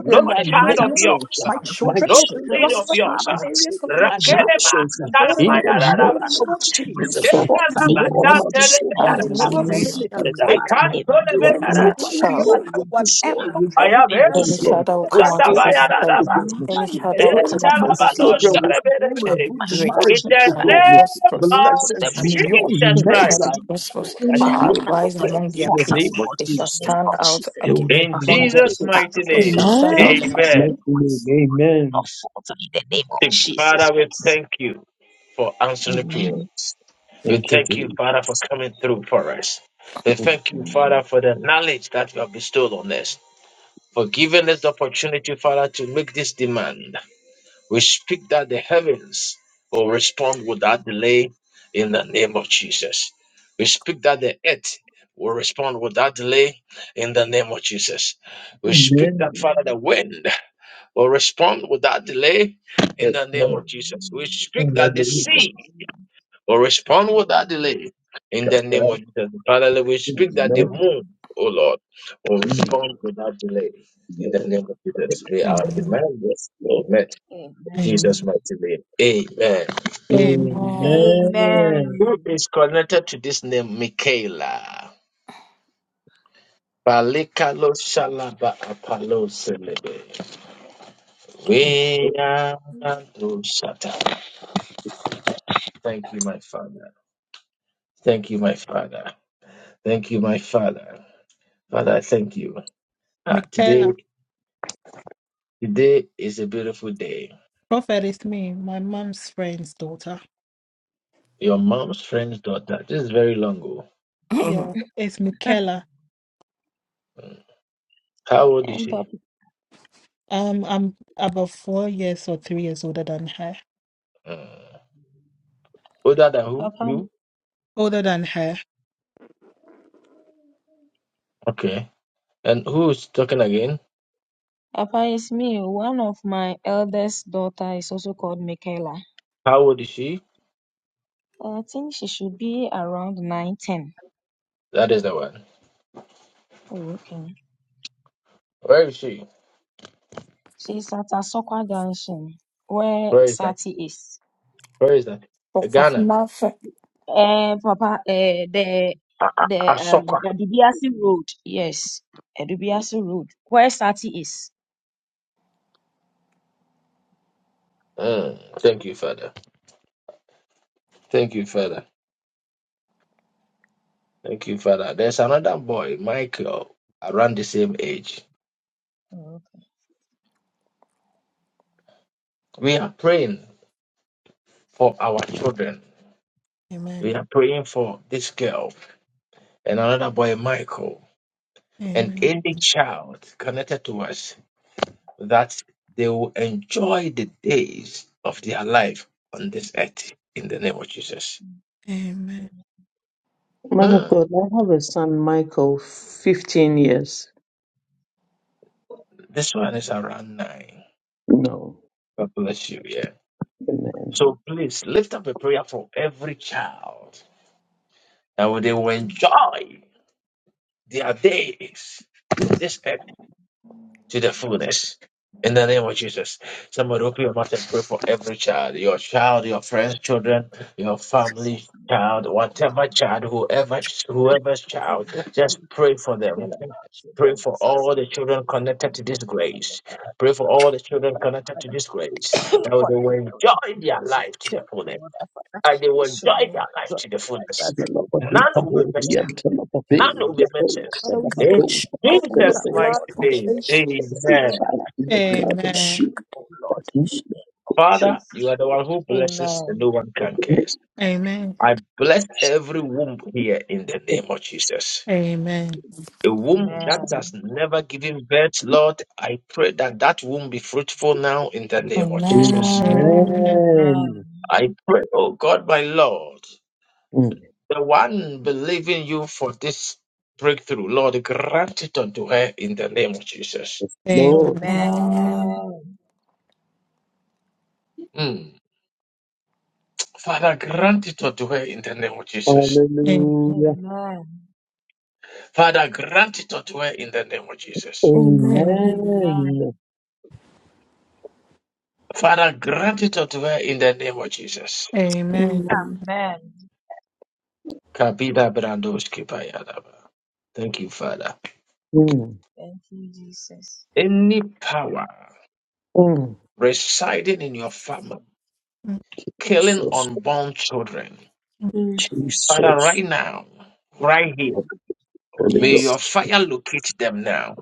S1: no
S2: are
S1: child of
S2: nations.
S1: yours, ah,
S2: My
S3: children
S1: no
S3: will
S1: seed
S2: children
S1: of
S3: prosper
S2: are
S3: in
S1: yours.
S3: all
S1: ah.
S2: my
S3: areas of
S2: children
S3: their
S2: are
S3: life.
S1: Rakele ma-
S2: nations
S3: And
S1: sa-
S3: daughter,
S1: ma-
S2: in the
S3: mama,
S1: ya- la- la- ma.
S2: name of
S3: these
S2: Jesus.
S1: Eh,
S4: before
S3: children
S1: la-
S3: in
S1: la-
S4: my
S2: Lord,
S1: sa-
S4: life.
S2: my
S1: tele- be- ya-
S2: children
S4: I
S3: all
S1: ra-
S2: will
S1: ra.
S2: not be
S3: departments
S4: release
S3: of their
S2: limited.
S1: We
S3: life.
S2: My
S1: can't turn it,
S4: the
S1: back.
S3: Daughter,
S2: children
S3: mama,
S4: image child.
S2: overflow with
S3: whatever
S2: joy, with
S1: I have it.
S2: goodness to
S4: Any
S3: prophet
S2: God,
S4: shadow will
S2: with
S4: come
S3: for
S4: out of
S3: your life
S4: this
S2: gladness
S4: belly.
S2: to
S1: Tatabayadadaba.
S2: God
S4: Any
S3: manifest
S4: shadow will
S2: pray
S4: come
S3: only
S2: that
S4: out
S2: my
S4: of this
S3: positive.
S2: children
S4: womb.
S2: will
S1: Ejalabadosharebelebe.
S2: spring
S4: Shall
S2: in
S4: be
S2: good
S4: great.
S1: In
S2: marriages
S1: the
S2: to
S4: Shall be
S2: God. with
S1: name
S4: prosperous.
S1: of
S2: Blessings
S4: Shall be
S3: things.
S4: great.
S2: beyond
S1: Jesus
S4: Shall be
S1: Christ,
S2: measure.
S4: prosperous.
S2: Lord, I
S4: Shall
S2: claim for
S4: arise
S2: them
S4: among their
S2: in the name
S4: peers.
S2: of
S4: They shall
S2: Jesus.
S4: stand out
S2: They
S4: ag-
S2: will not
S1: in
S2: be
S4: among their
S2: limited.
S1: Jesus'
S4: peers.
S1: mighty
S4: They
S2: In
S4: shall
S1: name,
S4: stand out
S3: Amen.
S2: Jesus'
S4: among their
S2: mighty
S1: amen.
S2: name,
S4: peers.
S2: amen.
S1: Father, we thank you for answering prayers. We
S2: Thank you,
S1: thank you, Father, for
S2: Jesus.
S1: coming through for us. We thank you, Father, for the knowledge that you have bestowed on us, for giving us the opportunity, Father, to make this demand. We speak that the heavens will respond without delay in the name of Jesus. We speak that the earth will respond without delay in the name of Jesus. We speak that,
S2: Amen.
S1: Father, the wind will respond without delay in
S2: Yes,
S1: the name of
S2: Lord.
S1: Jesus. We speak that the
S2: Hallelujah.
S1: sea will respond without delay in the
S2: Just
S1: name of
S2: like
S1: Jesus. Father, we
S2: you,
S1: speak that the
S2: Amen.
S1: moon, oh Lord, will
S2: Amen.
S1: respond without delay in the name of Jesus. May our
S6: Amen.
S2: Yes,
S1: demands be
S2: Lord.
S1: met
S6: Amen.
S1: Jesus' mighty name. Amen.
S6: Amen.
S4: Amen.
S2: Amen.
S1: Who is connected to this name? Michaela. Balikalo shalaba apalo selebe. We are do shata. Thank you, my father. Thank you, my father. Thank you, my father. Father, I thank you. Ah, today,
S6: Michaela.
S1: today is a beautiful day.
S6: Prophet is me, my mom's friend's daughter.
S1: Your mom's friend's daughter. This is very long ago.
S6: Yeah, it's Michaela.
S1: Mm. How old is
S7: And
S1: she?
S7: Papa,
S6: Um, I'm about four years or three years older than her.
S1: Mm. Older than who?
S7: Papa,
S1: You?
S6: Older than her.
S1: Okay. And who's talking again?
S7: Papa is me. One of my eldest daughter is also called Michaela.
S1: How old is she?
S7: I think she should be around nine, ten.
S1: That is the one.
S7: Oh, okay.
S1: Where is she?
S7: She's at Asokwa Junction, where
S1: Where is that?
S7: Sati is.
S1: Where is that?
S4: Book of
S1: Ghana.
S4: Matthew.
S7: Eh, Papa, eh, the, the,
S1: Asokwa.
S7: yes, Edubiasi Road, where Sati is.
S1: Mm, thank you, Father. Thank you, Father. Thank you, Father. There's another boy, Michael, around the same age. We are praying for our children. We
S6: Amen.
S1: are praying for this girl and another boy, Michael, and
S6: Amen.
S1: any child connected to us that they will enjoy the days of their life on this earth in the name of Jesus.
S6: Amen.
S2: Man of
S1: Mm,
S2: God, I have a son, Michael, 15 years.
S1: This one is around nine. God bless you. Yeah. So please lift up a prayer for every child that they will enjoy their days on this earth to the fullness. In the name of Jesus, somebody open your mouth and pray for every child, your child, your friends, children, your family, child, whatever child, whoever, whoever's child, just pray for them. Pray for all the children connected to this grace. Pray for all the children connected to this grace that they will enjoy their life to the fullness and they will enjoy their life to the fullness.
S2: in the
S1: None will be missing. None will be missing.
S3: Father, we
S1: In
S3: spoke about in your
S1: Jesus' mighty
S3: blood
S1: name,
S3: preservation,
S1: amen.
S3: God.
S2: blood of
S6: Amen.
S2: Jesus.
S1: Father, you are the one who blesses and no one can curse.
S6: Amen.
S1: I bless every womb here in the name of Jesus.
S6: Amen.
S1: A womb that has never given birth, Lord, I pray that that womb be fruitful now in the name of Jesus.
S4: Amen. Amen.
S6: Amen.
S2: Amen.
S1: I pray, oh God, my Lord.
S2: Mm.
S1: The one believing you for this breakthrough, Lord, grant it unto her in the name of Jesus.
S2: Yes, Lord.
S6: Amen.
S1: Mm. Father, grant it unto her in the name of Jesus.
S2: Hallelujah.
S1: Father, grant it unto her in the name of Jesus.
S8: Amen.
S6: Amen.
S2: Amen.
S1: Father, grant it unto her in the name of Jesus.
S6: Amen.
S1: Kabila Brandoski Bayadaba. Thank you, Father.
S2: Mm.
S1: Any power
S2: Mm.
S1: residing in your family,
S6: Mm,
S1: killing
S2: Jesus.
S1: unborn children,
S6: mm.
S1: Father,
S2: Jesus.
S1: right now, right here,
S2: Holy
S1: may your
S8: Yes.
S2: Ghost.
S1: fire locate them now.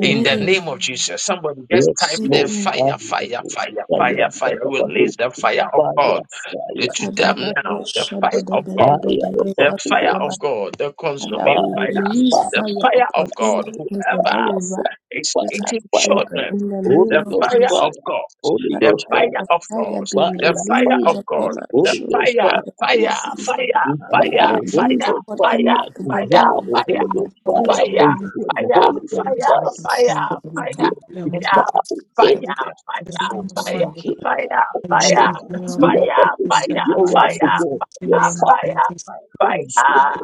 S1: In the name of Jesus, somebody just
S2: Yes,
S1: type there
S2: Lord.
S8: Amen.
S1: fire, fire,
S2: Hallelujah.
S1: fire,
S2: Fire,
S1: fire, fire.
S2: fire,
S1: Release the fire of God
S2: fire, fire, fire,
S1: to
S8: That
S2: fire.
S1: them now. The fire of God,
S2: Fire of the
S1: the
S2: Holy
S1: fire of
S2: Ghost.
S1: God, the consuming
S2: Fire,
S8: we
S1: fire,
S8: release
S2: fire,
S1: the
S2: fire,
S8: fire
S1: fire
S8: upon
S1: of
S8: any
S1: God.
S2: fire,
S8: evil
S1: Whoever
S8: that will rise
S2: fire,
S1: is
S2: fire,
S8: against our
S1: eating
S2: fire.
S8: children
S1: children,
S8: in the name
S1: the
S2: Holy
S8: of
S2: Ghost
S1: fire
S8: Jesus.
S2: fire.
S1: of God,
S2: Holy
S8: Father,
S1: the
S2: Ghost
S8: Let
S1: fire
S8: the
S2: fire.
S1: of
S8: fire
S1: God,
S8: be
S2: Fire,
S1: the
S2: fire.
S1: fire
S8: released
S1: of God,
S8: upon our
S1: the
S2: Holy
S8: children
S2: Ghost fire.
S1: fire,
S8: in the name of
S1: fire,
S8: Jesus.
S1: fire,
S8: Let it be
S1: fire,
S2: Wow, Holy
S8: released
S1: fire,
S2: Ghost
S8: upon
S2: fire.
S1: fire,
S8: any evil that
S1: fire,
S2: Wow,
S8: will rise.
S1: fire,
S2: Holy Ghost
S8: Say,
S2: fire.
S1: fire,
S2: Consume
S1: fire, fire,
S2: Holy Ghost
S1: fire, fire,
S2: fire.
S1: fire,
S2: Consume. Wow,
S1: fire, fire, fire, fire,
S2: end it. So
S1: fire, fire, fire,
S6: Um,
S4: Amen.
S2: kill it.
S1: fire, fire,
S6: And
S4: and better
S6: Jesus, you are
S2: and
S4: Sunday.
S6: God,
S2: Let
S6: the
S2: them receive
S6: future
S1: fire,
S4: Okay.
S2: your
S6: glory in
S2: wrath
S1: fire,
S2: for
S6: the
S2: God.
S6: mighty
S2: Your
S6: name
S2: fire.
S6: of
S1: fire,
S6: Jesus.
S2: the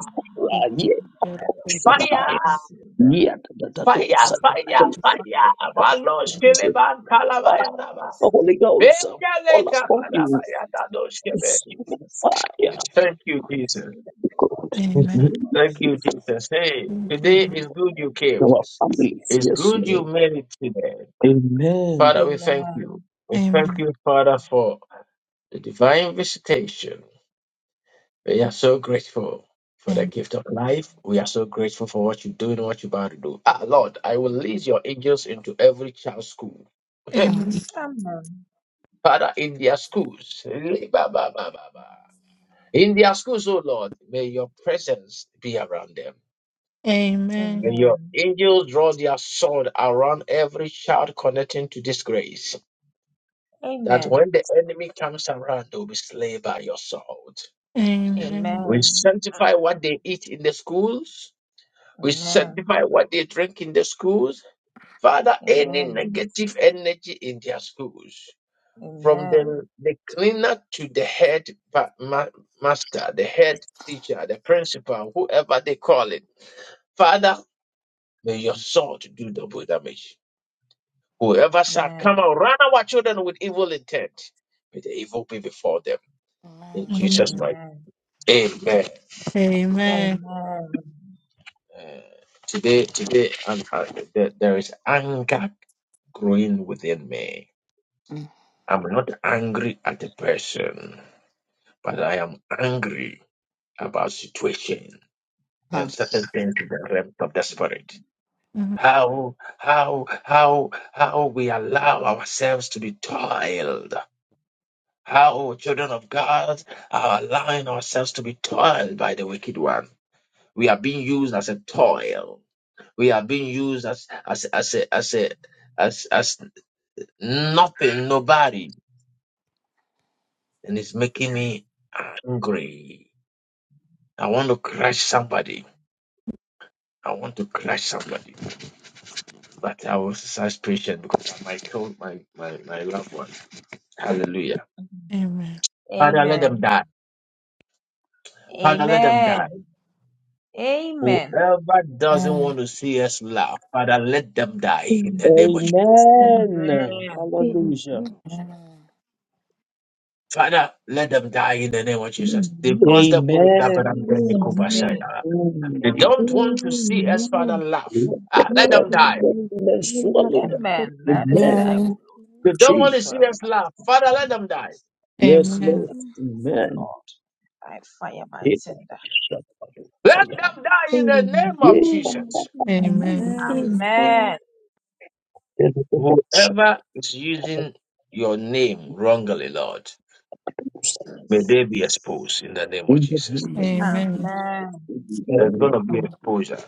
S6: Thank you, Lord God.
S1: fire, fire. Malos keleban kalabayaraba.
S2: Holy Ghost, all upon you,
S1: Bejalekabayarabayadoshkebe.
S2: consuming fire,
S1: Thank you, Jesus.
S2: God, and
S6: Amen.
S1: Thank you,
S2: with
S1: Jesus. Hey,
S6: Thank you,
S1: today is
S6: Lord.
S1: good you came.
S2: our families,
S1: It's
S2: yes,
S1: good you
S2: Lord.
S1: made it today.
S2: Amen.
S1: Father, we thank you. We thank
S6: Amen.
S1: you, Father, for the divine visitation. We are so grateful for the
S6: Amen.
S1: gift of life. We are so grateful for what you do and what you're about to do. Ah, Lord, I will lead your angels into every child's school.
S6: Amen.
S4: Mm,
S1: Father, in their schools. Li- Ba, ba, ba, ba, ba. In their schools, oh Lord, may your presence be around them. May
S6: Amen.
S1: your angels draw their sword around every child connecting to this grace. that when the enemy comes around, they'll be slain by your sword.
S6: Amen.
S1: We sanctify what they eat in the schools. We sanctify what they drink in the schools. Father, any negative energy in their schools, from the, the cleaner to the head pa- ma- master, the head teacher, the principal, whoever they call it. Father, may your sword do double damage. Whoever
S7: Amen.
S1: shall come around our children with evil intent, may the evil be before them. In
S4: Amen.
S1: Jesus'
S6: Amen.
S1: mighty Amen.
S4: Um,
S6: Amen.
S1: Uh, today, today, I'm, uh, there, there is anger growing within me.
S4: Mhm.
S1: I'm not angry at a person, but I am angry about situation and certain things in the realm of the spirit. How, how, how, how we allow ourselves to be toiled. How children of God are allowing ourselves to be toiled by the wicked one. We are being used as a toil We are being used as as as a, as a, as as nothing, nobody, and it's making me angry. I want to crush somebody. I want to crush somebody, but I will exercise patience because I might kill my, my, my loved one. Hallelujah.
S6: Amen.
S1: Father, let
S7: Amen.
S1: them die. Father, let them die.
S7: Amen. Amen.
S1: Whoever doesn't
S4: Amen.
S1: want to see us laugh, Father, let them die in the name of Jesus.
S2: Amen. Hallelujah.
S1: Father, let them die in the name of Jesus. They
S5: Amen.
S1: caused the
S2: Amen.
S1: boy They
S2: Mm. We
S1: don't want to see us, Father, laugh.
S2: Let the
S1: Ah, let
S2: ground
S1: them die.
S2: open and
S4: Amen.
S2: swallow
S4: um,
S2: them. Amen.
S4: amen.
S1: They don't want
S2: Jesus.
S1: to see us laugh. Father, let them die.
S2: Yes,
S6: Amen.
S2: Lord.
S3: Amen.
S2: Amen.
S1: Let them die in the name of
S2: Yeah, I thought
S1: Jesus.
S6: Amen.
S3: Amen.
S5: Amen.
S2: there was a book shadows
S1: Whoever is using your name wrongly, Lord, may they be exposed in the name of
S2: in the
S1: Jesus.
S2: name of
S3: Amen.
S6: Amen.
S1: There's
S2: Amen.
S1: going to be
S4: Um,
S1: exposure.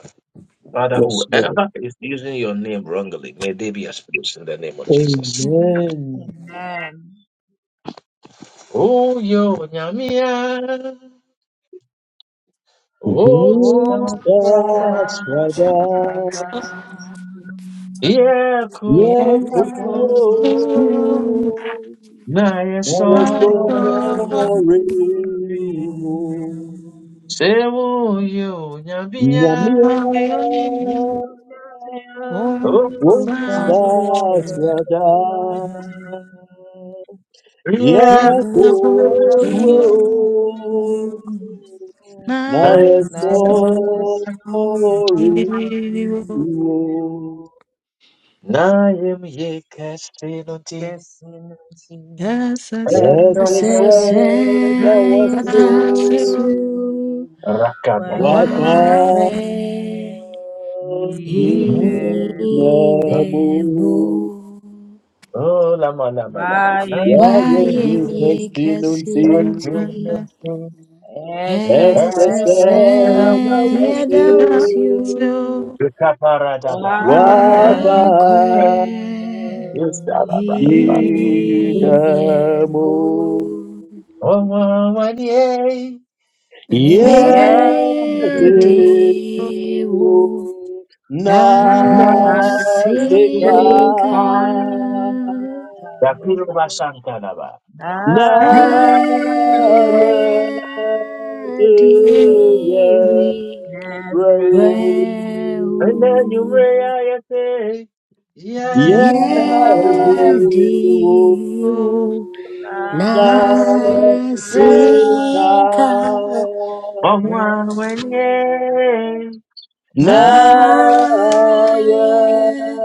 S1: Father,
S2: Yes, Lord.
S1: whoever is using your name wrongly, may they be exposed in the name of Jesus.
S3: Amen.
S2: Amen.
S1: Oh, yo, nyamia. Oh,
S2: Praise
S1: stop, brother.
S2: God,
S6: So,
S2: Shaddai.
S1: Yeah,
S2: Yeah,
S1: kutu.
S6: Lord,
S2: Kutuo.
S1: na yeso
S2: Yes,
S6: I call,
S2: glory.
S1: sewo yo nyabia
S2: Nyamia.
S6: now we only need
S1: o
S6: one
S2: One
S6: son,
S1: sakra
S2: start, Shaddai.
S1: ria
S6: rebel
S1: kuso
S2: Yakoto
S6: to
S1: na
S6: night.
S2: Naya
S1: yeso
S2: sorry
S6: Yes,
S1: na yem ye kasinoti
S6: yes, yes.
S2: Esther
S8: say,
S1: ekakai
S8: sɛ
S2: said I
S6: And
S2: was
S8: yɛda
S6: thou
S8: wo
S2: low
S8: ase
S6: shalt
S2: Wakanye
S1: rakabaraba
S6: walk
S8: wakwe
S6: in
S8: inemo
S2: Namu
S1: Oh, lama, lama, lama. Na
S6: the
S1: yem
S2: Wayenge
S1: ye
S8: wayemye
S6: land.
S2: Kastinunsi
S8: kasinunti
S4: yes,
S1: kasinoti
S2: Esther
S8: esese
S2: said
S1: ekakai
S2: I
S6: And thou
S8: yadawasyo
S6: shalt
S1: Rikaparadaba.
S6: walk
S2: Wafa
S8: wakwe
S1: Ustarabaraba.
S6: in
S2: Yidamu
S8: inemo
S1: Oh, one yeah,
S6: my the land.
S1: yeah.
S6: Nothing
S8: medewo
S2: Yesu Nasika
S8: nasinka
S1: Yapiruba Sankaraba.
S2: Na
S8: Ngaya
S2: Yedi
S8: diwi
S1: And then you may
S2: Yebrau
S8: weu
S1: I say,
S2: Yeah,
S1: yeah.
S4: you
S8: ye diwo
S6: will
S8: nasinka
S1: Oh,
S8: o
S1: one yeah.
S6: not
S8: naya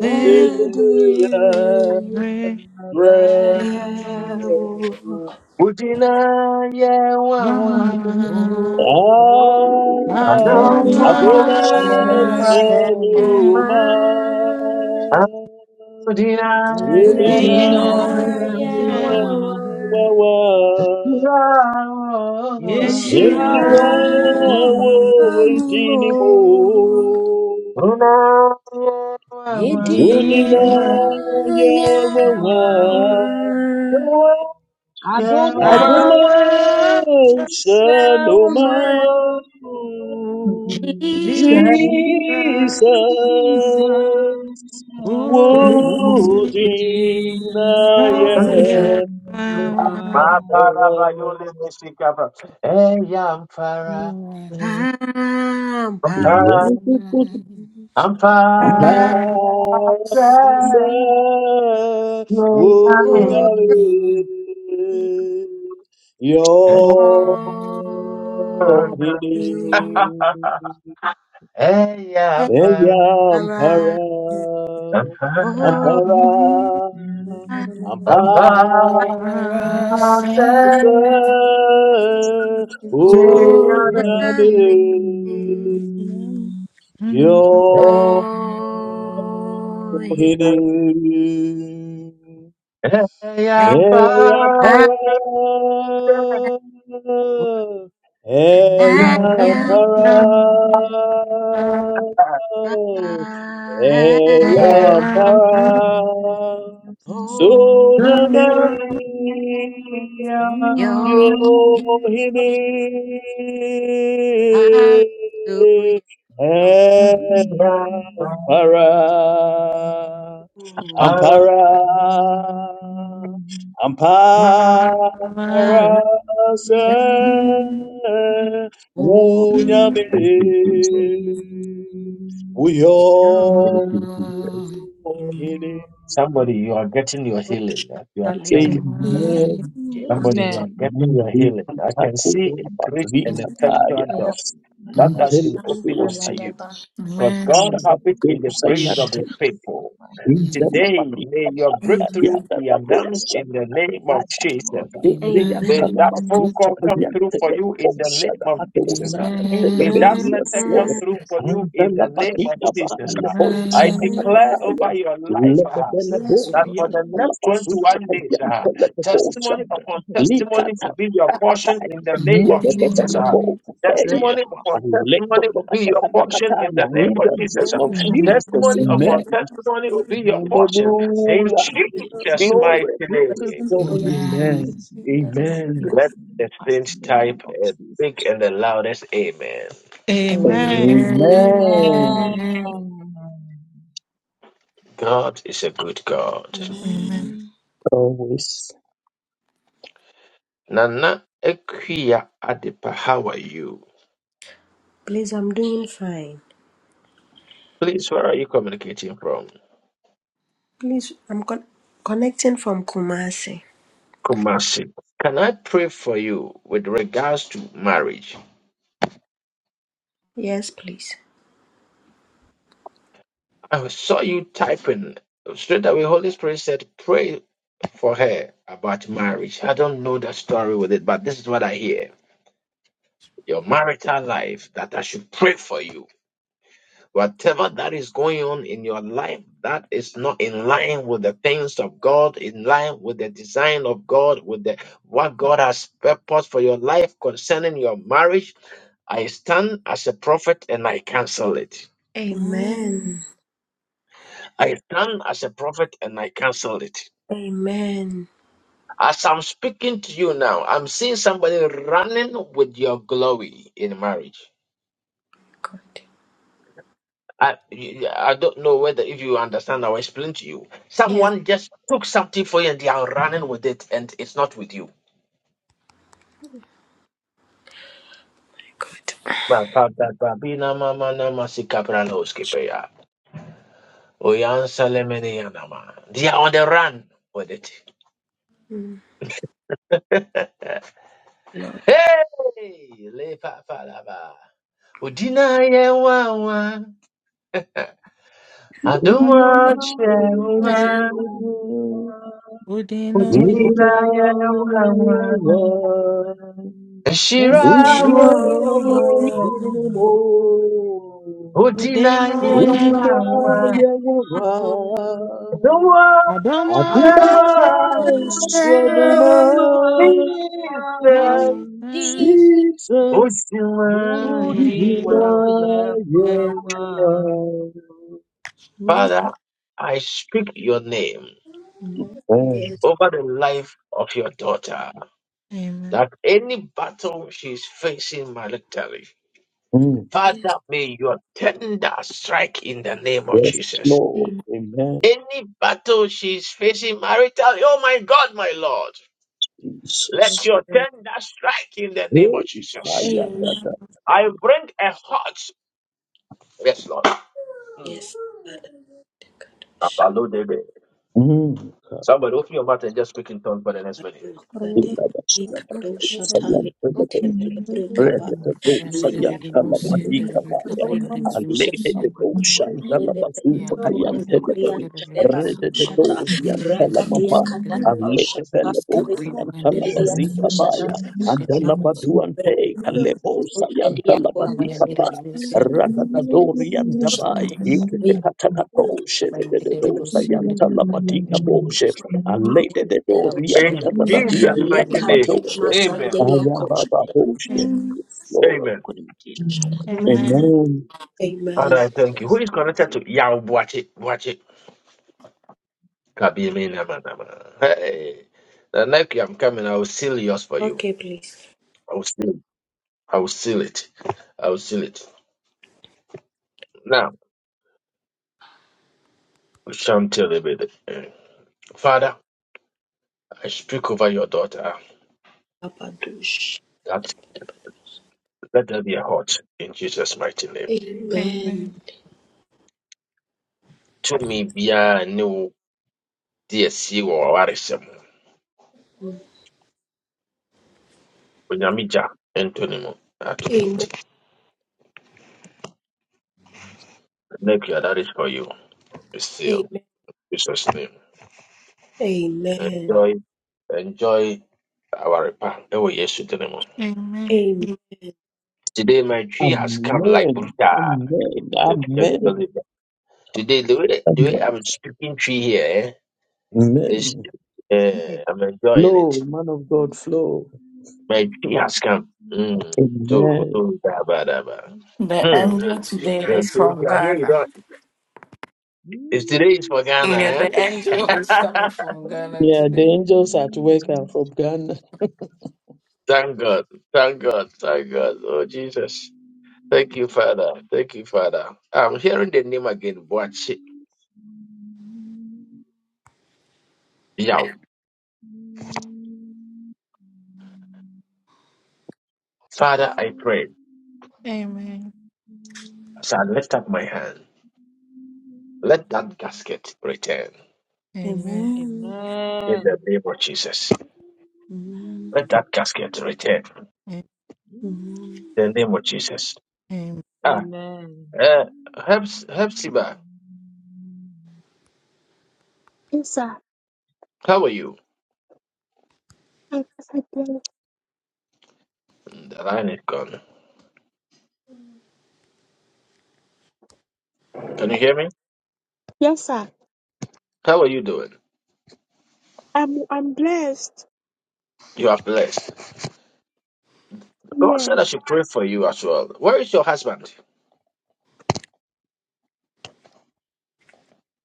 S6: in
S8: diwi
S6: my
S1: Utina, yeah, one, one.
S6: deliverance.
S4: are
S8: weu
S2: Ah,
S4: Embarrassing.
S3: Amen.
S6: Adonai,
S2: Adumas,
S3: Amen.
S8: Adoma Selma
S2: Adumas, Ubina,
S6: Udira,
S8: Minaya Wawa
S2: Wawa, Nishira,
S6: Yeshua,
S8: Eshira
S2: Dinimo,
S8: Wanimo Medina
S2: Udina,
S6: Udira,
S2: Yawawa,
S8: Yawawa
S6: Adonai,
S2: Adumas,
S8: Adoma
S2: Adumas,
S6: Udira,
S8: Jibu
S2: Jesus,
S6: Udira,
S2: would I
S8: Yawa Ampara Odiyo.
S2: am.
S1: Hey, I'm fine.
S2: Ella
S8: Ara
S2: ampara,
S1: I'm
S8: o
S1: proud,
S2: ampara,
S6: and
S1: I'm
S2: ampara,
S1: proud, I'll say, yeah,
S8: o
S1: yeah,
S2: unami,
S8: jame o
S1: yeah,
S2: yo,
S8: he
S2: hini.
S1: yeah. Hey, I'm
S2: Hey,
S1: proud,
S8: ha
S2: Ampara!
S1: yeah,
S2: Hey,
S1: yeah,
S8: ha ya
S1: yeah.
S2: Ampara!
S8: ha
S2: Hey,
S8: ya
S1: Hey,
S2: Ampara!
S8: o
S2: Sonia me.
S1: yeah, yeah,
S8: yo
S2: yo
S8: he
S2: himi,
S8: hallelujah
S2: Hey,
S1: yeah.
S2: Ampara!
S8: mu
S2: Ampara! amparase
S8: ara
S6: I'm
S8: o
S2: unyame
S6: Amen.
S1: Thank you, Jesus.
S2: uyo
S1: Thank you, Jesus.
S8: ni
S2: hene
S1: Somebody, you are getting your
S8: o
S1: healing that you are
S8: shatale
S1: thinking.
S3: Amen.
S8: ababa
S3: Amen.
S8: ke
S2: amen
S1: Somebody, you
S8: ante
S1: are getting your healing. I
S2: vikataya
S1: can see a great and effectual door.
S8: ya
S1: that has
S8: sale
S4: Mm.
S2: until
S1: been
S2: the
S1: opened
S8: ante la
S1: unto
S2: usaina
S1: you.
S8: daba.
S1: Because
S4: Amen.
S1: God
S2: shaka
S1: habits in the
S2: usaina
S1: praise of his
S2: until
S1: people.
S4: Mm.
S1: Today, may your
S8: Amen.
S1: breakthrough be
S2: the door
S1: announced
S2: sign
S1: in the name of
S2: up.
S1: Jesus.
S4: Amen. Amen.
S8: Amen.
S1: May
S2: Debriyantana
S1: that phone
S4: Amen.
S2: bavuta
S1: call come through for
S2: kalyantele
S1: you in the name
S2: oshaka
S1: of Jesus.
S2: batosa yantele
S1: May that
S8: Amen.
S2: beya
S1: letter come
S2: sword
S1: through for you in
S2: andana
S1: the name of
S2: batika
S1: Jesus.
S2: baale
S1: I
S2: oshaka
S4: Amen.
S1: declare
S8: Amen.
S2: tatataya
S1: over your life
S2: lebedele
S8: Yes,
S1: that
S8: Lord.
S1: for the
S2: boriyantana
S1: next
S2: bavuta
S1: 21 days, ah,
S2: kalyantele bocha
S1: testimony upon
S2: lika
S1: testimony will be your portion in the
S2: tatataya
S1: name of Jesus.
S2: yebedele
S1: ah.
S2: bokateya
S1: Testimony upon
S2: Aleko
S1: testimony will
S2: toka
S1: be your portion in the
S2: tatatataya
S1: name
S2: in
S1: of
S2: the
S1: Jesus.
S2: name of
S1: ah.
S2: Jesus
S1: Testimony upon
S2: amen
S1: testimony will be your portion in
S2: hallelujah
S1: Jesus' mighty
S2: glory be
S8: Hallelujah.
S2: to
S1: name.
S2: God amen amen
S1: Let the saints type a big and the loudest amen.
S6: Amen.
S2: Amen.
S1: God is a good God.
S2: Always.
S1: Nana Equia Adepa, how are you?
S8: Please, I'm doing fine.
S1: Please, where are you communicating from?
S8: Please, I'm con- connecting from Kumasi.
S1: Kumasi, can I pray for you with regards to marriage?
S8: Yes, please.
S1: I saw you typing straight away. Holy Spirit said, Pray for her about marriage. I don't know the story with it, but this is what I hear your marital life that I should pray for you. Whatever that is going on in your life that is not in line with the things of God, in line with the design of God, with the what God has purposed for your life concerning your marriage I stand as a prophet and I cancel it.
S8: Amen.
S1: I stand as a prophet and I cancel it.
S8: Amen.
S1: As I'm speaking to you now, I'm seeing somebody running with your glory in marriage.
S8: God.
S1: I, you- I don't know whether if you understand how I explain to you.
S8: Yes,
S1: Someone just took something for you and they are running with it and it's not with you.
S8: God.
S1: Well, God, that, that, be na ma ma na ma si kapra no skipe ya. O ya nsa le me ne ya na ma. They are on the run with it.
S8: Mm, Lord.
S1: Hey! Le pa pa la ba. Udina yewawa,
S2: We
S1: aduma chewa,
S6: Udinoya.
S1: udina
S2: deny
S1: yewawa, eshira wo,
S6: Udinoya.
S2: Israel dinimo.
S1: udina
S2: We
S6: Udinoya.
S1: yewawa,
S2: deny Yawa.
S1: aduma
S6: Adomo.
S2: Aduma
S1: chewa,
S2: Shanuma.
S1: Jesus,
S6: Jesus.
S2: Jesus.
S1: udina
S2: We
S6: Udinoya.
S1: yewawa.
S2: deny
S1: Father, I speak your name
S8: Yes,
S1: over the life of your daughter,
S6: Amen.
S1: that any battle she is facing malically.
S2: Yawa.
S1: Father,
S8: yes.
S1: may your tender strike in the name of
S2: Yes,
S1: Jesus.
S2: Lord. Amen.
S1: Any battle she's facing maritally, oh my God, my Lord, let
S2: Jesus.
S8: Yes,
S1: your
S8: Lord.
S1: tender strike in the name
S2: Hey,
S1: of
S2: ah,
S1: Jesus.
S2: yeah, da,
S8: Amen.
S6: Amen.
S2: da.
S1: I bring a heart. Yes, Lord. Mm.
S8: Yes, Father. Kadosha,
S1: Abalodebe.
S2: Mm.
S1: Somebody open your mouth and just speak in tongues for the next minute.
S8: kadosha, deba, di kadosha, tali, antebele,
S3: Amen.
S8: brekaba,
S3: Amen.
S4: Amen.
S8: leya,
S3: Amen. Amen.
S4: Amen.
S8: breka, jadele,
S4: Amen.
S8: breka, toma, zia, teleba, dosha, ragadia, kada, bausha, breka, zedia,
S4: Mm.
S8: breka, ote, ko,
S4: Abayandere Lucy
S8: breka,
S4: and The Captain
S2: Radadadorian
S8: dosha,
S4: Sunday the
S2: Dabai,
S4: Captain.
S8: breka,
S2: Ikatakato,
S4: Abayandere
S8: breka,
S4: Lucy and the
S2: Shedededosayanta
S4: Captain.
S2: lamadika Rada Alede de Dorian,
S1: In
S4: Abayandere Lucy
S1: Jesus'
S4: and the
S2: Tatabian,
S1: mighty
S8: leka,
S1: name.
S8: tele,
S2: Talabadoche,
S4: Captain.
S1: Amen.
S8: mazandele, ko,
S2: Ayababa Boshe. Yes, Lord.
S1: Amen.
S8: shada.
S6: Amen. Amen.
S2: Amen.
S8: Amen.
S1: Father, I thank you. Who is connected to Yao Buachi? Buachi. Kabimi Namanama. Hey. The next I'm coming, I will seal yours for you.
S8: Okay, please.
S1: I will seal it. I will seal it. I will seal it. Now, Chantel Ebede, eh, Father, I speak over your daughter
S8: Abadush.
S1: that let there be a heart in Jesus' mighty name.
S8: Amen.
S6: Amen.
S1: To me, be a new DSC or Arisem. Onyamija, Antonimo,
S8: Amen.
S1: Atomiti. Thank you. that is for you. It's sealed.
S8: Amen.
S1: Jesus' name.
S8: Amen.
S1: Enjoy, enjoy our repa. Ewo Yesu dinimo.
S6: Amen.
S8: Amen.
S1: Today, my tree has come like
S2: Amen.
S1: brutal.
S2: Amen. Amen.
S1: Today, the way that the way
S2: Amen.
S1: I'm speaking tree here eh, is
S2: Amen.
S1: uh, I'm enjoying it.
S2: Flow, man of God, flow.
S1: My tree has come. Mm. So,
S2: Amen.
S1: so, da, ba, da, ba.
S4: The
S1: Hmm. Uh,
S4: angel today is
S1: So if
S4: from
S1: you are here, you
S4: Ghana.
S1: don't. If today is for
S4: Yeah,
S1: Ghana,
S4: the angel
S1: eh?
S4: is coming from Ghana
S2: Yeah, the
S4: today.
S2: angels at work are from Ghana.
S1: thank God, thank God, thank God. Oh Jesus, thank you, Father, thank you, Father. I'm hearing the name again. Watch it, Father, I pray
S6: Amen.
S1: as I lift up my hand. Let that casket return
S3: Amen.
S6: Amen.
S1: in the name of Jesus.
S3: Amen.
S1: Let that casket return. the name of Jesus.
S6: Amen. Amen. Amen.
S1: Ah, uh, Heps, Hepzibah,
S5: Yes, sir.
S1: how are you?
S5: I, I bless.
S1: The line is gone. Can you hear me?
S5: Yes, sir.
S1: How are you doing?
S5: I'm I'm blessed.
S1: You are blessed. God said I
S5: Yes,
S1: should pray for you as well. Where is your husband?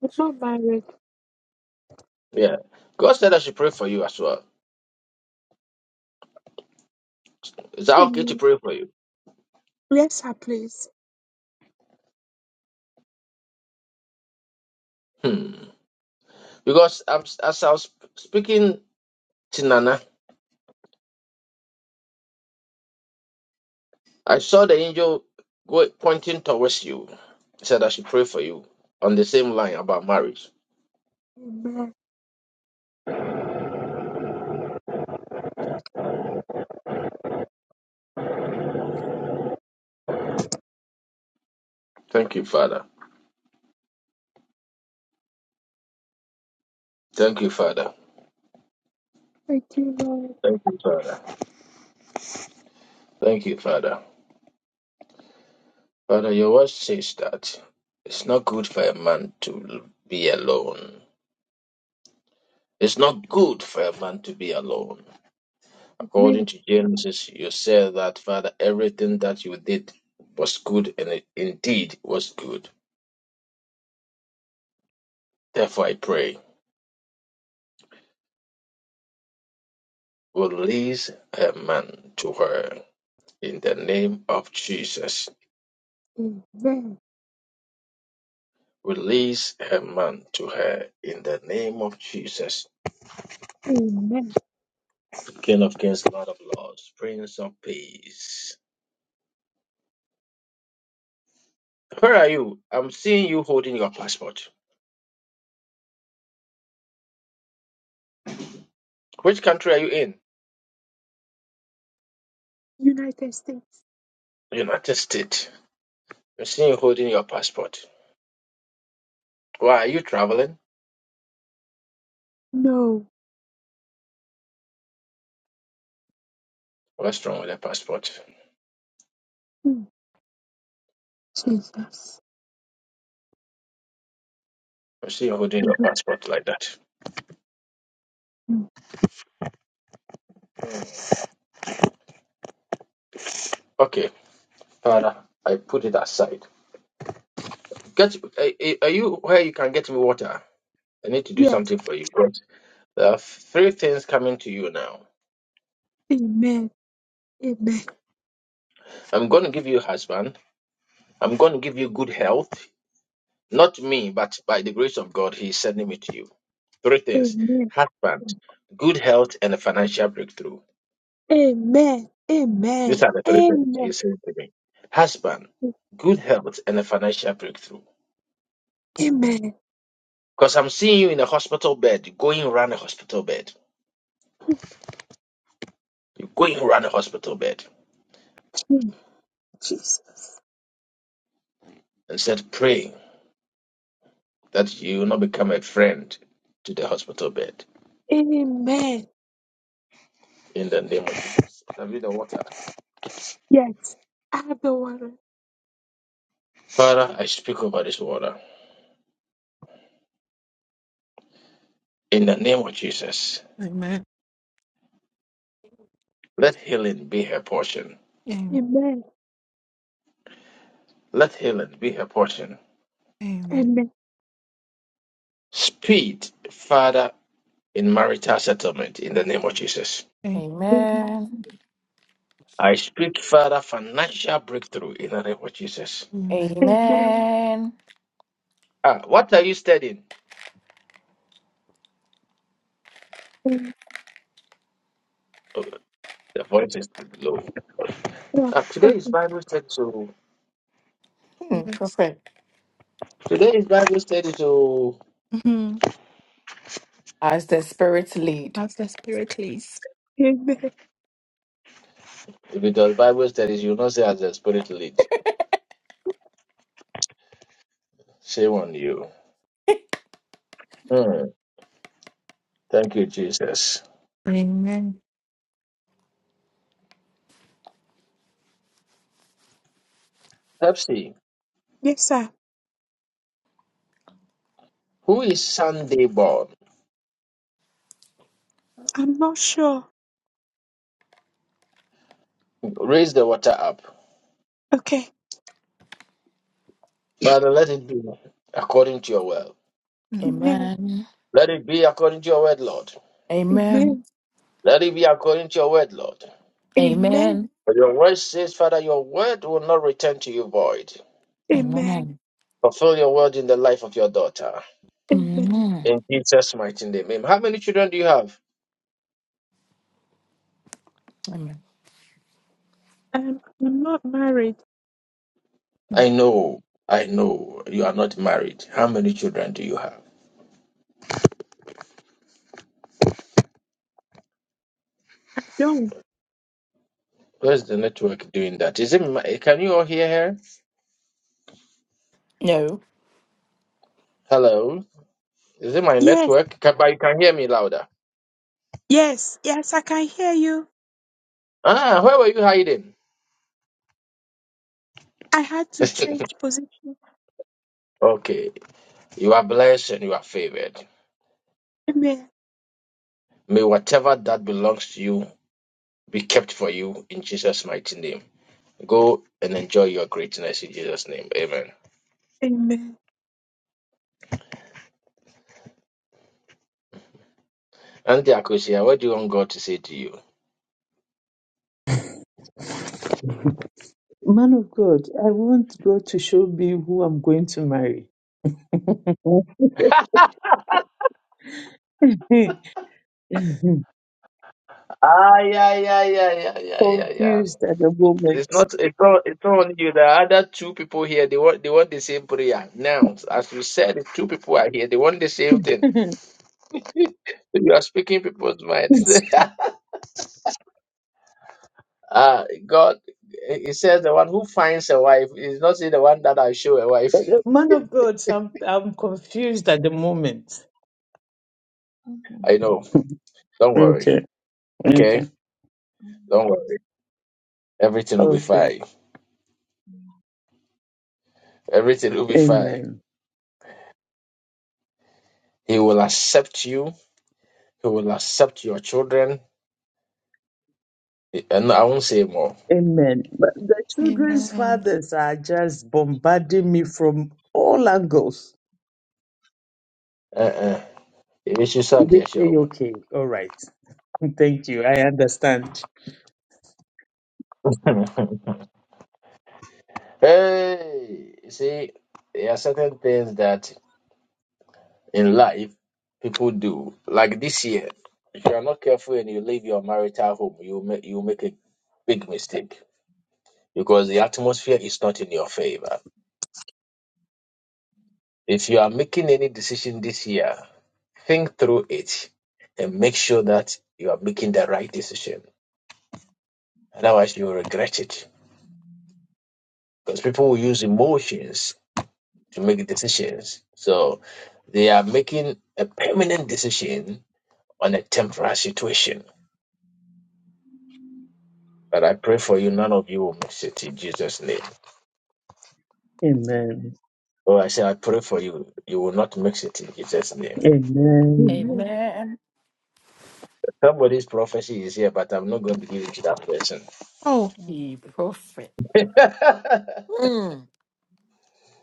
S5: with not married.
S1: Yeah. God said I should pray for you as well. Is that okay to
S5: Amen.
S1: pray for you?
S5: Yes, sir. Please.
S1: Hmm. Because I'm, as I was speaking to Nana, I saw the angel go, pointing towards you. He said I should pray for you on the same line about marriage.
S5: Amen.
S1: Thank you, Father. Thank you, Father.
S5: Thank you, Lord.
S1: Thank you, Father. Thank you, Father. Father, your word says that it's not good for a man to be alone. It's not good for a man to be alone. According
S5: Amen.
S1: to Genesis, you said that, Father, everything that you did was good and it indeed was good. Therefore, I pray, release a man to her in the name of Jesus.
S5: Amen.
S1: Release a man to her in the name of Jesus.
S5: Amen.
S1: King of kings, Lord of lords, Prince of peace. Where are you? I'm seeing you holding your passport. Which country are you in?
S5: United States.
S1: United States. I'm seeing you holding your passport. Why are you traveling?
S5: No.
S1: What's wrong with the passport?
S5: Mm, Jesus.
S1: I'm seeing you holding your
S5: Mhm.
S1: passport like that.
S5: Mm,
S1: Okay, Father, I put it aside. Get, eh, eh, are you where you can get me water? I need to do
S5: Yes.
S1: something for you. But there are three things coming to you now.
S5: Amen. Amen.
S1: I'm going to give you a husband. I'm going to give you good health. Not me, but by the grace of God, He is sending me to you. Three things
S5: Amen.
S1: husband, good health, and a financial breakthrough.
S5: Amen.
S1: These
S5: Amen.
S1: are the three things He
S5: Amen.
S1: is sending to me. Husband, good health, and a financial breakthrough.
S5: Amen.
S1: Because I'm seeing you in a hospital bed, you're going around a hospital bed. You're going around a hospital bed.
S5: Mm, Jesus.
S1: Instead, pray that you will not become a friend to the hospital bed.
S5: Amen.
S1: In the name of Jesus. Have you the water?
S5: Yes. I have the water.
S1: Father, I speak over this water. In the name of Jesus, let healing be her portion.
S6: Amen.
S5: Amen.
S1: Let healing be her portion.
S6: Amen.
S5: Amen.
S1: Speed, Father, in marital settlement in the name of Jesus.
S5: Amen.
S4: Amen.
S1: I speak, Father, financial breakthrough in the name of Jesus.
S6: Amen.
S5: Amen.
S4: Amen.
S1: Ah, what are you studying?
S5: Amen.
S1: Oh, the voice is low. Ah, today is Bible study, so
S4: Hmm.
S6: Yes.
S1: today is Bible study, so
S6: Mhm.
S4: Our spirit lead.
S6: Pastor Spirit, please.
S5: Amen.
S1: if it was Bible studies, you will not say as the Spirit leads. Shame on you. Hmm. Thank you, Jesus.
S6: Amen.
S1: Pepsi,
S5: Yes, sir.
S1: who is Sunday born?
S5: I'm not sure.
S1: Raise the water up,
S5: Okay.
S1: Father. Let it be according to your will.
S6: Mhm.
S5: Amen.
S4: Amen.
S1: Let it be according to your word, Lord.
S4: Amen.
S5: Amen.
S1: Let it be according to your word, Lord.
S5: Amen.
S4: Amen.
S1: For your word says, Father, your word will not return to you void.
S5: Amen.
S4: Amen.
S1: Fulfill your word in the life of your daughter.
S5: Amen.
S4: Amen.
S1: In Jesus' mighty name. Amen. How many children do you have?
S4: Amen.
S5: Um, I'm not married.
S1: I know, I know you are not married. How many children do you have?
S5: I don't.
S1: Where's the network doing that? Is it my, can you all hear her?
S4: No.
S1: Hello? Is it my
S5: Yes.
S1: network? Can, but you can hear me louder.
S5: Yes. Yes. I can hear you.
S1: Ah, where were you hiding?
S5: I had to change position.
S1: okay. You are blessed and you are favored.
S5: Amen.
S1: May whatever that belongs to you be kept for you in Jesus' mighty name. Go and enjoy your greatness in Jesus' name. Amen.
S5: Amen.
S1: And Akosia, what do you want God to say to you?
S2: Man of God, I want God to show me who I'm going to marry. Confused
S1: Ah, yeah, yeah, yeah, yeah, yeah, yeah, yeah.
S2: at the
S1: It's not, it's not, it's not on you. The other two people here, they want, they want the same prayer. Now, as we said, the two people are here. They want the same thing.
S2: moment.
S1: So you are speaking people's mind. ah, God, He says the one who finds a wife is not saying the one that I show a wife.
S2: Man of God, I'm, I'm confused at the moment.
S1: I know. Don't worry.
S2: Okay,
S1: Okay.
S2: okay.
S1: Don't worry. Everything will be
S2: Okay.
S1: fine. Everything will be fine.
S2: Amen.
S1: He will accept you. He will accept your children. And I won't say more.
S2: Amen. But the children's
S6: Amen.
S2: fathers are just bombarding me from all angles.
S1: Uh-uh. It is you should suck,
S2: They-
S1: yes, yo,
S2: they-
S1: man.
S2: Okay. All right. Thank you. I understand.
S1: Hey, you see, there are certain things that in life people do. Like this year, if you are not careful and you leave your marital home, you make you make a big mistake because the atmosphere is not in your favor. If you are making any decision this year, Think through it and make sure that you are making the right decision. Otherwise, you will regret it because people will use emotions to make decisions. So they are making a permanent decision on a temporary situation. But I pray for you, none of you will mix it in Jesus' name.
S2: Amen.
S1: Oh, I say, I pray for you, you will not mix it in Jesus' name.
S2: Amen.
S4: Amen.
S1: Somebody's prophecy is here, but I'm not going to give it to that person.
S6: Oh,
S4: Be prophet. Mm,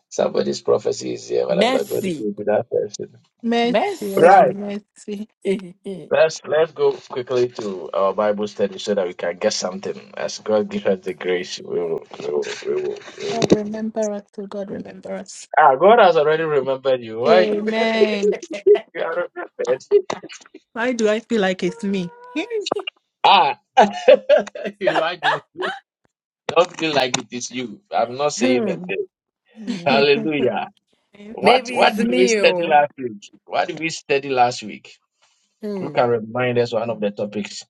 S1: Somebody's prophecy is here, but I'm not going to give
S4: messy,
S1: it to that person.
S6: mercy,
S4: messy.
S1: Right.
S6: oh, mercy.
S1: Let's let's go quickly to our Bible study so that we can get something. As God gives us the grace, we will, we will, we will, we will.
S6: God remember us, oh God remember us.
S1: Ah, God has already remembered you. Why you,
S6: Amen.
S1: you are remembered?
S6: Why do I feel like it's me?
S1: Ah, why do you don't feel like it is you? I'm not saying a
S4: Hmm,
S1: thing.
S4: hmm.
S1: Hallelujah. What
S4: Maybe it's
S1: what did we
S4: me.
S1: study
S4: oh.
S1: last week? What did we study last week? Who
S4: Hmm.
S1: can remind us one of the topics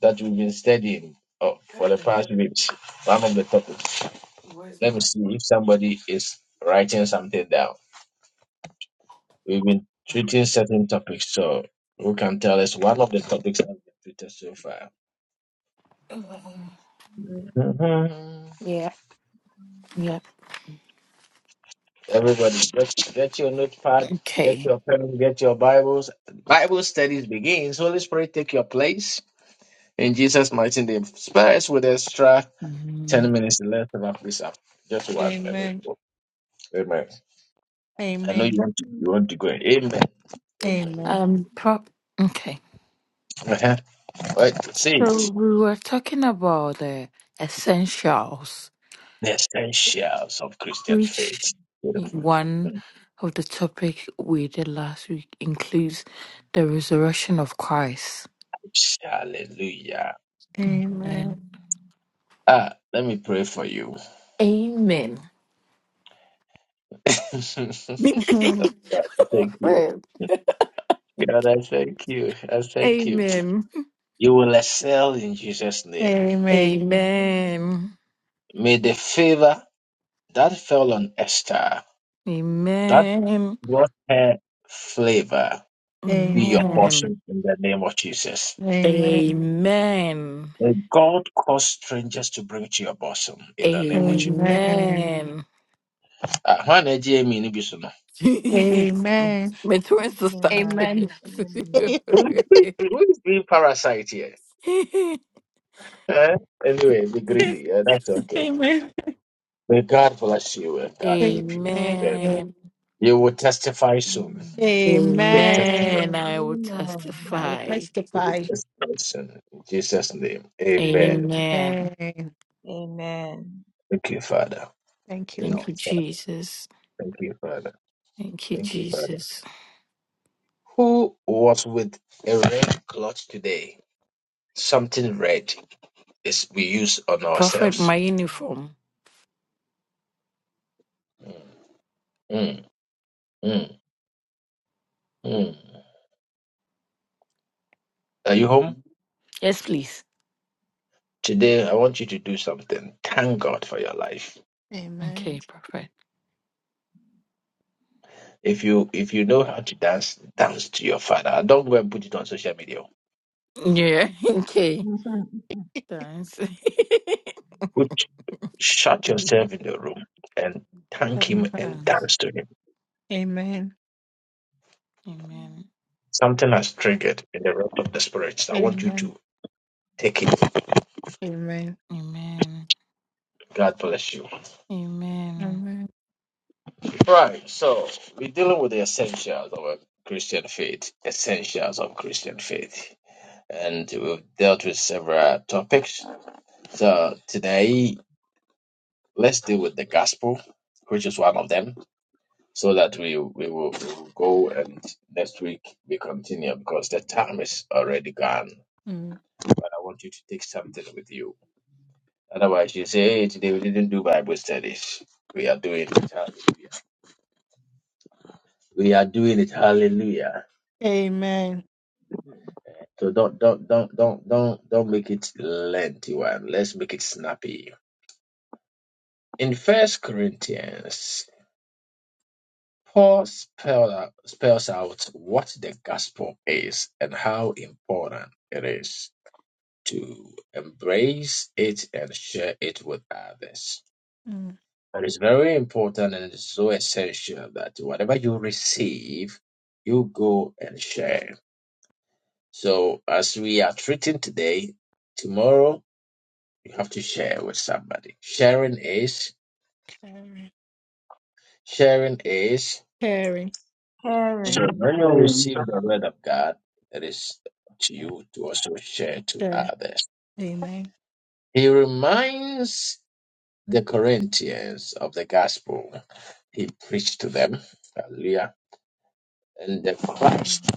S1: that we've been studying oh, for the past weeks? One of the topics.
S4: Where's
S1: Let me
S4: my?
S1: see if somebody is writing something down. We've been treating certain topics, so who can tell us one of the topics I've been treated so far? Mhm.
S4: Yeah, yeah.
S1: Everybody, get, get your notepad, get
S4: Okay.
S1: your pen, get your Bibles. Bible studies begins. Holy Spirit, take your place. In Jesus' mighty name. Spare us with extra 10
S4: Mhm.
S1: minutes left of our please. Just one minute.
S6: Amen.
S1: Amen. I know you
S6: Amen.
S1: want to, you want to go. Amen. Amen.
S6: Amen.
S4: Um. Prop. Okay.
S1: Uh-huh. Right. See.
S4: So we were talking about the essentials,
S1: The essentials of Christian
S4: which
S1: faith. Beautiful.
S4: one of the topic we did last week includes the resurrection of Christ.
S1: Hallelujah.
S4: Amen.
S6: Amen.
S1: Ah, let me pray for you.
S4: Amen.
S1: thank
S6: Mhm.
S1: you.
S4: Well,
S1: God, I thank you. I thank you.
S4: Amen.
S1: You will excel in Jesus' name.
S6: Amen.
S4: Amen.
S1: May the favor that fell on Esther, that
S4: Amen.
S1: brought her flavor, be your
S6: Amen.
S1: portion in the name of Jesus.
S6: Amen.
S4: Amen.
S1: May God cause strangers to bring to your bosom
S4: Amen.
S1: in the name of Jesus.
S6: Amen.
S4: Amen.
S1: Ah, hwan na agye ni bi so no?
S6: Amen.
S4: My twin sister.
S9: Amen.
S1: Who is who is the parasite here? Eh? Anyway, be greedy. Yeah, that's okay.
S6: Amen.
S1: May God bless you and God keep you.
S6: Amen.
S1: Yeah.
S4: Amen.
S1: You will testify soon. Big testimony.
S4: Amen.
S6: Amen.
S4: I will
S7: Amen.
S6: I will
S4: testify.
S1: You will
S6: testify.
S1: testify soon. In Jesus' name.
S6: Amen.
S1: Amen.
S4: Amen.
S7: Amen.
S1: Thank you, Father.
S6: Thank you,
S1: Thank
S4: Thank
S6: Lord.
S1: you,
S4: you,
S1: Father.
S4: Jesus.
S1: Thank you, Father.
S4: Thank you,
S6: Thank
S1: Thank
S6: you.
S1: you, Father.
S4: Jesus.
S1: Who was with a red cloth today? Something red is we use on
S4: Prophet, my
S1: ourselves.
S4: uniform.
S1: Mm, mm, mm, mm. Are you home?
S4: Yes, please.
S1: Today, I want you to do something. Thank God for your life.
S6: Amen.
S4: Okay, perfect.
S1: If you if you know how to dance, dance to your father. Don't go and put it on social media.
S4: Yeah, okay. Thanks.
S1: Put, shut yourself in the room and thank
S6: Amen.
S1: him and
S4: Thanks.
S1: dance to him.
S6: Amen.
S4: Amen.
S1: Something has triggered in the realm of the spirits. I want you
S6: Amen.
S1: to take it.
S6: Amen.
S4: Amen.
S1: God bless you.
S4: Amen.
S6: Amen.
S1: Right. So we're dealing with the essentials of a Christian faith. Essentials of Christian faith. And we've dealt with several topics. So today Let's deal with the gospel, which is one of them, so that we we will, we will go and next week we continue because the time is already gone.
S6: Mm.
S1: But I want you to take something with you. Otherwise, you say, "Hey, today we didn't do Bible studies. We are doing it. Hallelujah. We are doing it. Hallelujah."
S6: Amen.
S1: So don't don't don't don't don't don't make it lengthy one. Let's make it snappy. In First Corinthians Paul spell, spells out what the gospel is and how important it is to embrace it and share it with others.
S6: Mm.
S1: It is very important and it's so essential that whatever you receive, you go and share. So, as we are treating today, tomorrow you have to share with somebody. Sharing is
S6: Carry.
S1: sharing is.
S6: Carry.
S1: So when
S7: Karen.
S1: you
S2: Amen.
S1: receive the word of God, it is up to you to also share to
S6: Share.
S1: others.
S6: Amen.
S1: He reminds the Corinthians of the gospel he preached to them. Hallelujah. And the Christ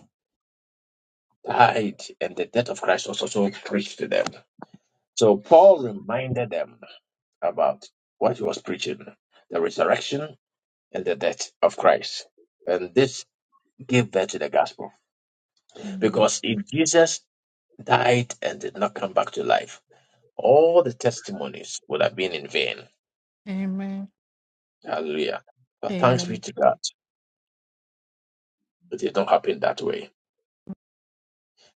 S1: died, and the death of Christ was also preached to them. So Paul reminded them about what he was preaching the resurrection and the death of Christ. And this gave birth to the gospel.
S6: Amen.
S1: Because if Jesus died and did not come back to life, all the testimonies would have been in vain.
S6: Amen.
S1: Hallelujah. But thanks be
S6: Amen.
S1: to God, it did not happen that way.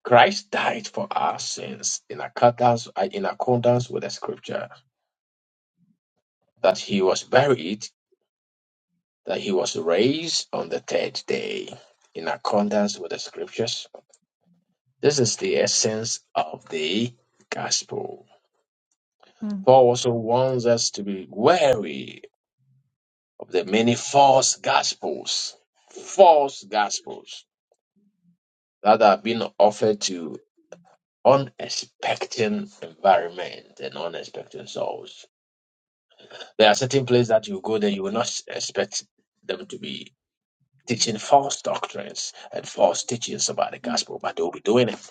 S1: Christ died for our sins in accordance, uh, in accordance with the scripture that he was buried, that he was raised on the third day in accordance with the scriptures. This is the essence of the gospel.
S6: Mm.
S1: Paul also warns us to be wary the many false gospels, false gospels that have been offered to unexpecting environment and unexpecting souls. There are certain places that you go there, you will not expect them to be teaching false doctrines and false teachings about the
S6: Mm.
S1: gospel, but they'll be doing it.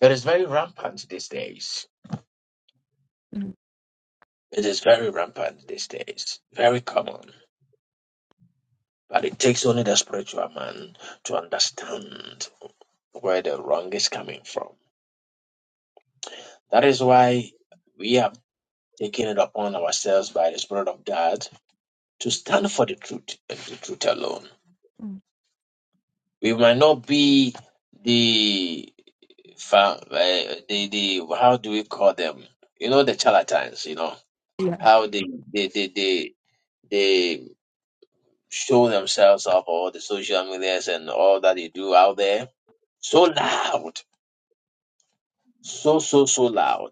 S1: It is very rampant these days.
S6: Mm.
S1: It is very rampant these days, very common. But it takes only the spiritual man to understand where the wrong is coming from That is why we have taken it upon ourselves by the Spirit of God to stand for the truth and the truth alone.
S6: Mm.
S1: We might not be the fa- uh, the the how do we call them? You know the charlatans. You know
S6: Yeah.
S1: how they they they they, they show themselves up all the social medias and all that they do out there so loud, so so so loud.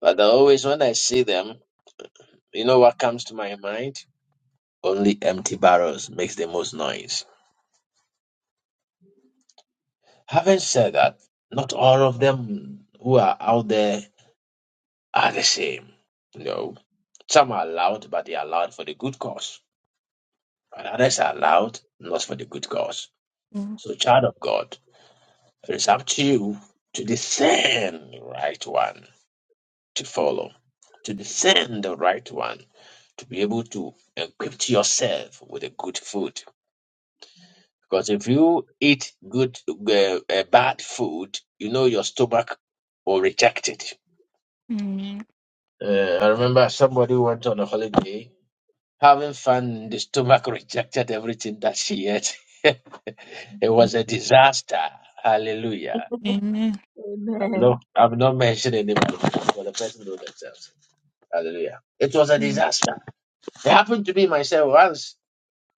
S1: But always when I see them, you know what comes to my mind? Only empty barrels makes the most noise. Having said that, not all of them who are out there are the same. No. Some are loud, but they are loud for the good cause. And others are loud, not for the good cause.
S6: Mm.
S1: So, child of God, it is up to you to discern the right one to follow, to discern the right one, to be able to equip yourself with a good food Because if you eat good, uh, uh, bad food, you know your stomach will reject it.
S6: Mm.
S1: Uh, I remember somebody went on a holiday, having fun, the stomach rejected everything that she ate. it was a disaster. Hallelujah.
S6: Amen.
S1: I'm
S7: Amen.
S1: not, I'm not mentioning anybody, but the person know themselves. Hallelujah. It was a
S6: Mm.
S1: disaster. It happened to me myself once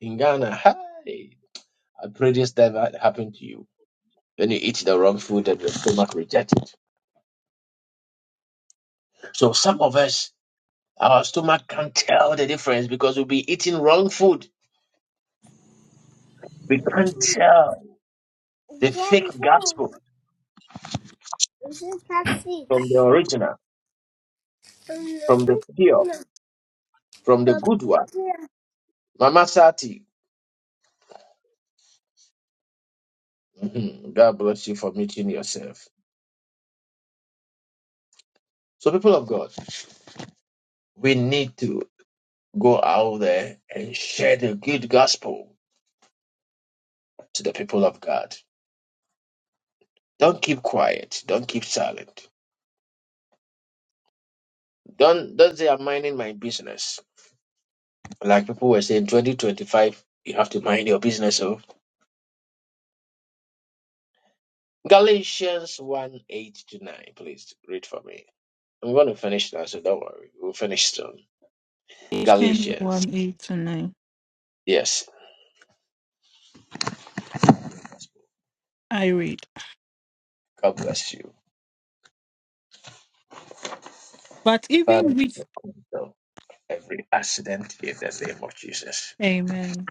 S1: in Ghana. Hey, I pray this never happened to you. When you eat the wrong food and your stomach rejects it. So some of us, our stomach can't tell the difference because we'll be eating wrong food. We can't tell the fake
S10: gentle
S1: gospel
S10: is a
S1: from the
S10: fish.
S1: original, from the pure, from the good one. Mama Sati, mhm, God bless you for meeting yourself. So, people of God, we need to go out there and share the good gospel to the people of God. Don't keep quiet. Don't keep silent. Don't don't say I'm minding my business. Like people were saying, 2025, you have to mind your business. Oh, Galatians 1 8 to 9. Please read for me. I'm going to finish now, so don't worry. We'll finish soon.
S6: Ephesians
S1: Galatians.
S6: 1 8 to 9.
S1: Yes.
S6: I read.
S1: God bless you.
S6: But
S1: Father,
S6: even with
S1: we condemn every accident in the name of Jesus.
S6: Amen.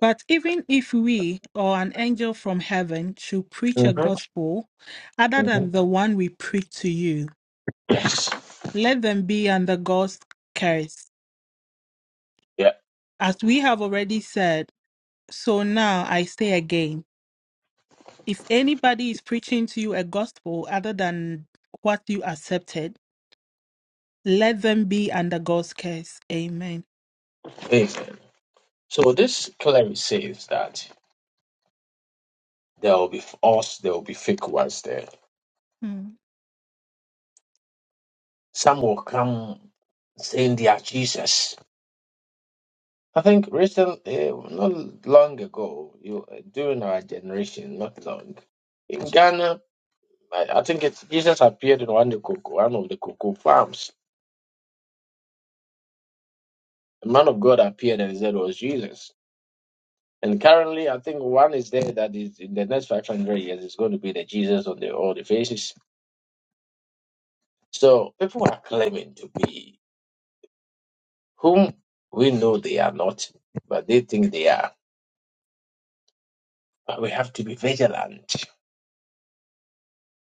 S6: But even if we or an angel from heaven should preach a gospel other than
S1: Mhm.
S6: the one we preach to you,
S1: Yes.
S6: let them be under God's curse.
S1: Yeah.
S6: As we have already said, so now I say again if anybody is preaching to you a gospel other than what you accepted, let them be under God's curse. Amen.
S1: Amen. So this clearly says that there will be false, there will be fake ones there.
S6: Mm,
S1: Some will come saying they are Jesus. I think recently, uh, not long ago, you during our generation, not long, in Ghana, I, I think it's Jesus appeared in one, of the cocoa, one of the cocoa farms. The man of God appeared and said it was Jesus. And currently, I think one is there that is in the next 500 years is going to be the Jesus on the, all the faces. So people are claiming to be whom we know they are not, but they think they are. But we have to be vigilant.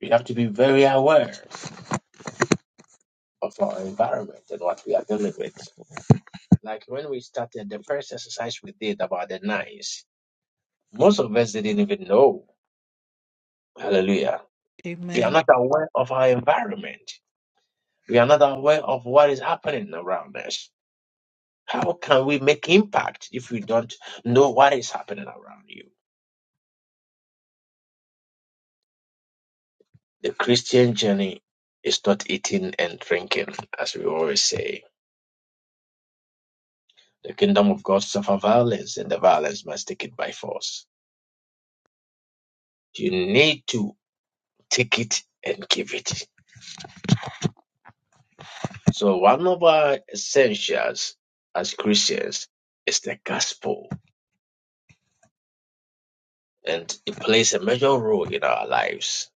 S1: We have to be very aware of our environment and what we are dealing with. Like when we started the first exercise we did about the knives, most of us didn't even know. Hallelujah. We are
S6: Amen.
S1: not aware of our environment. We are not aware of what is happening around us. How can we make impact if we don't know what is happening around you? The Christian journey is not eating and drinking, as we always say. The kingdom of God suffer violence, and the violence must take it by force. You need to take it and give it. So one of our essentials as Christians is the gospel, and it plays a major role in our lives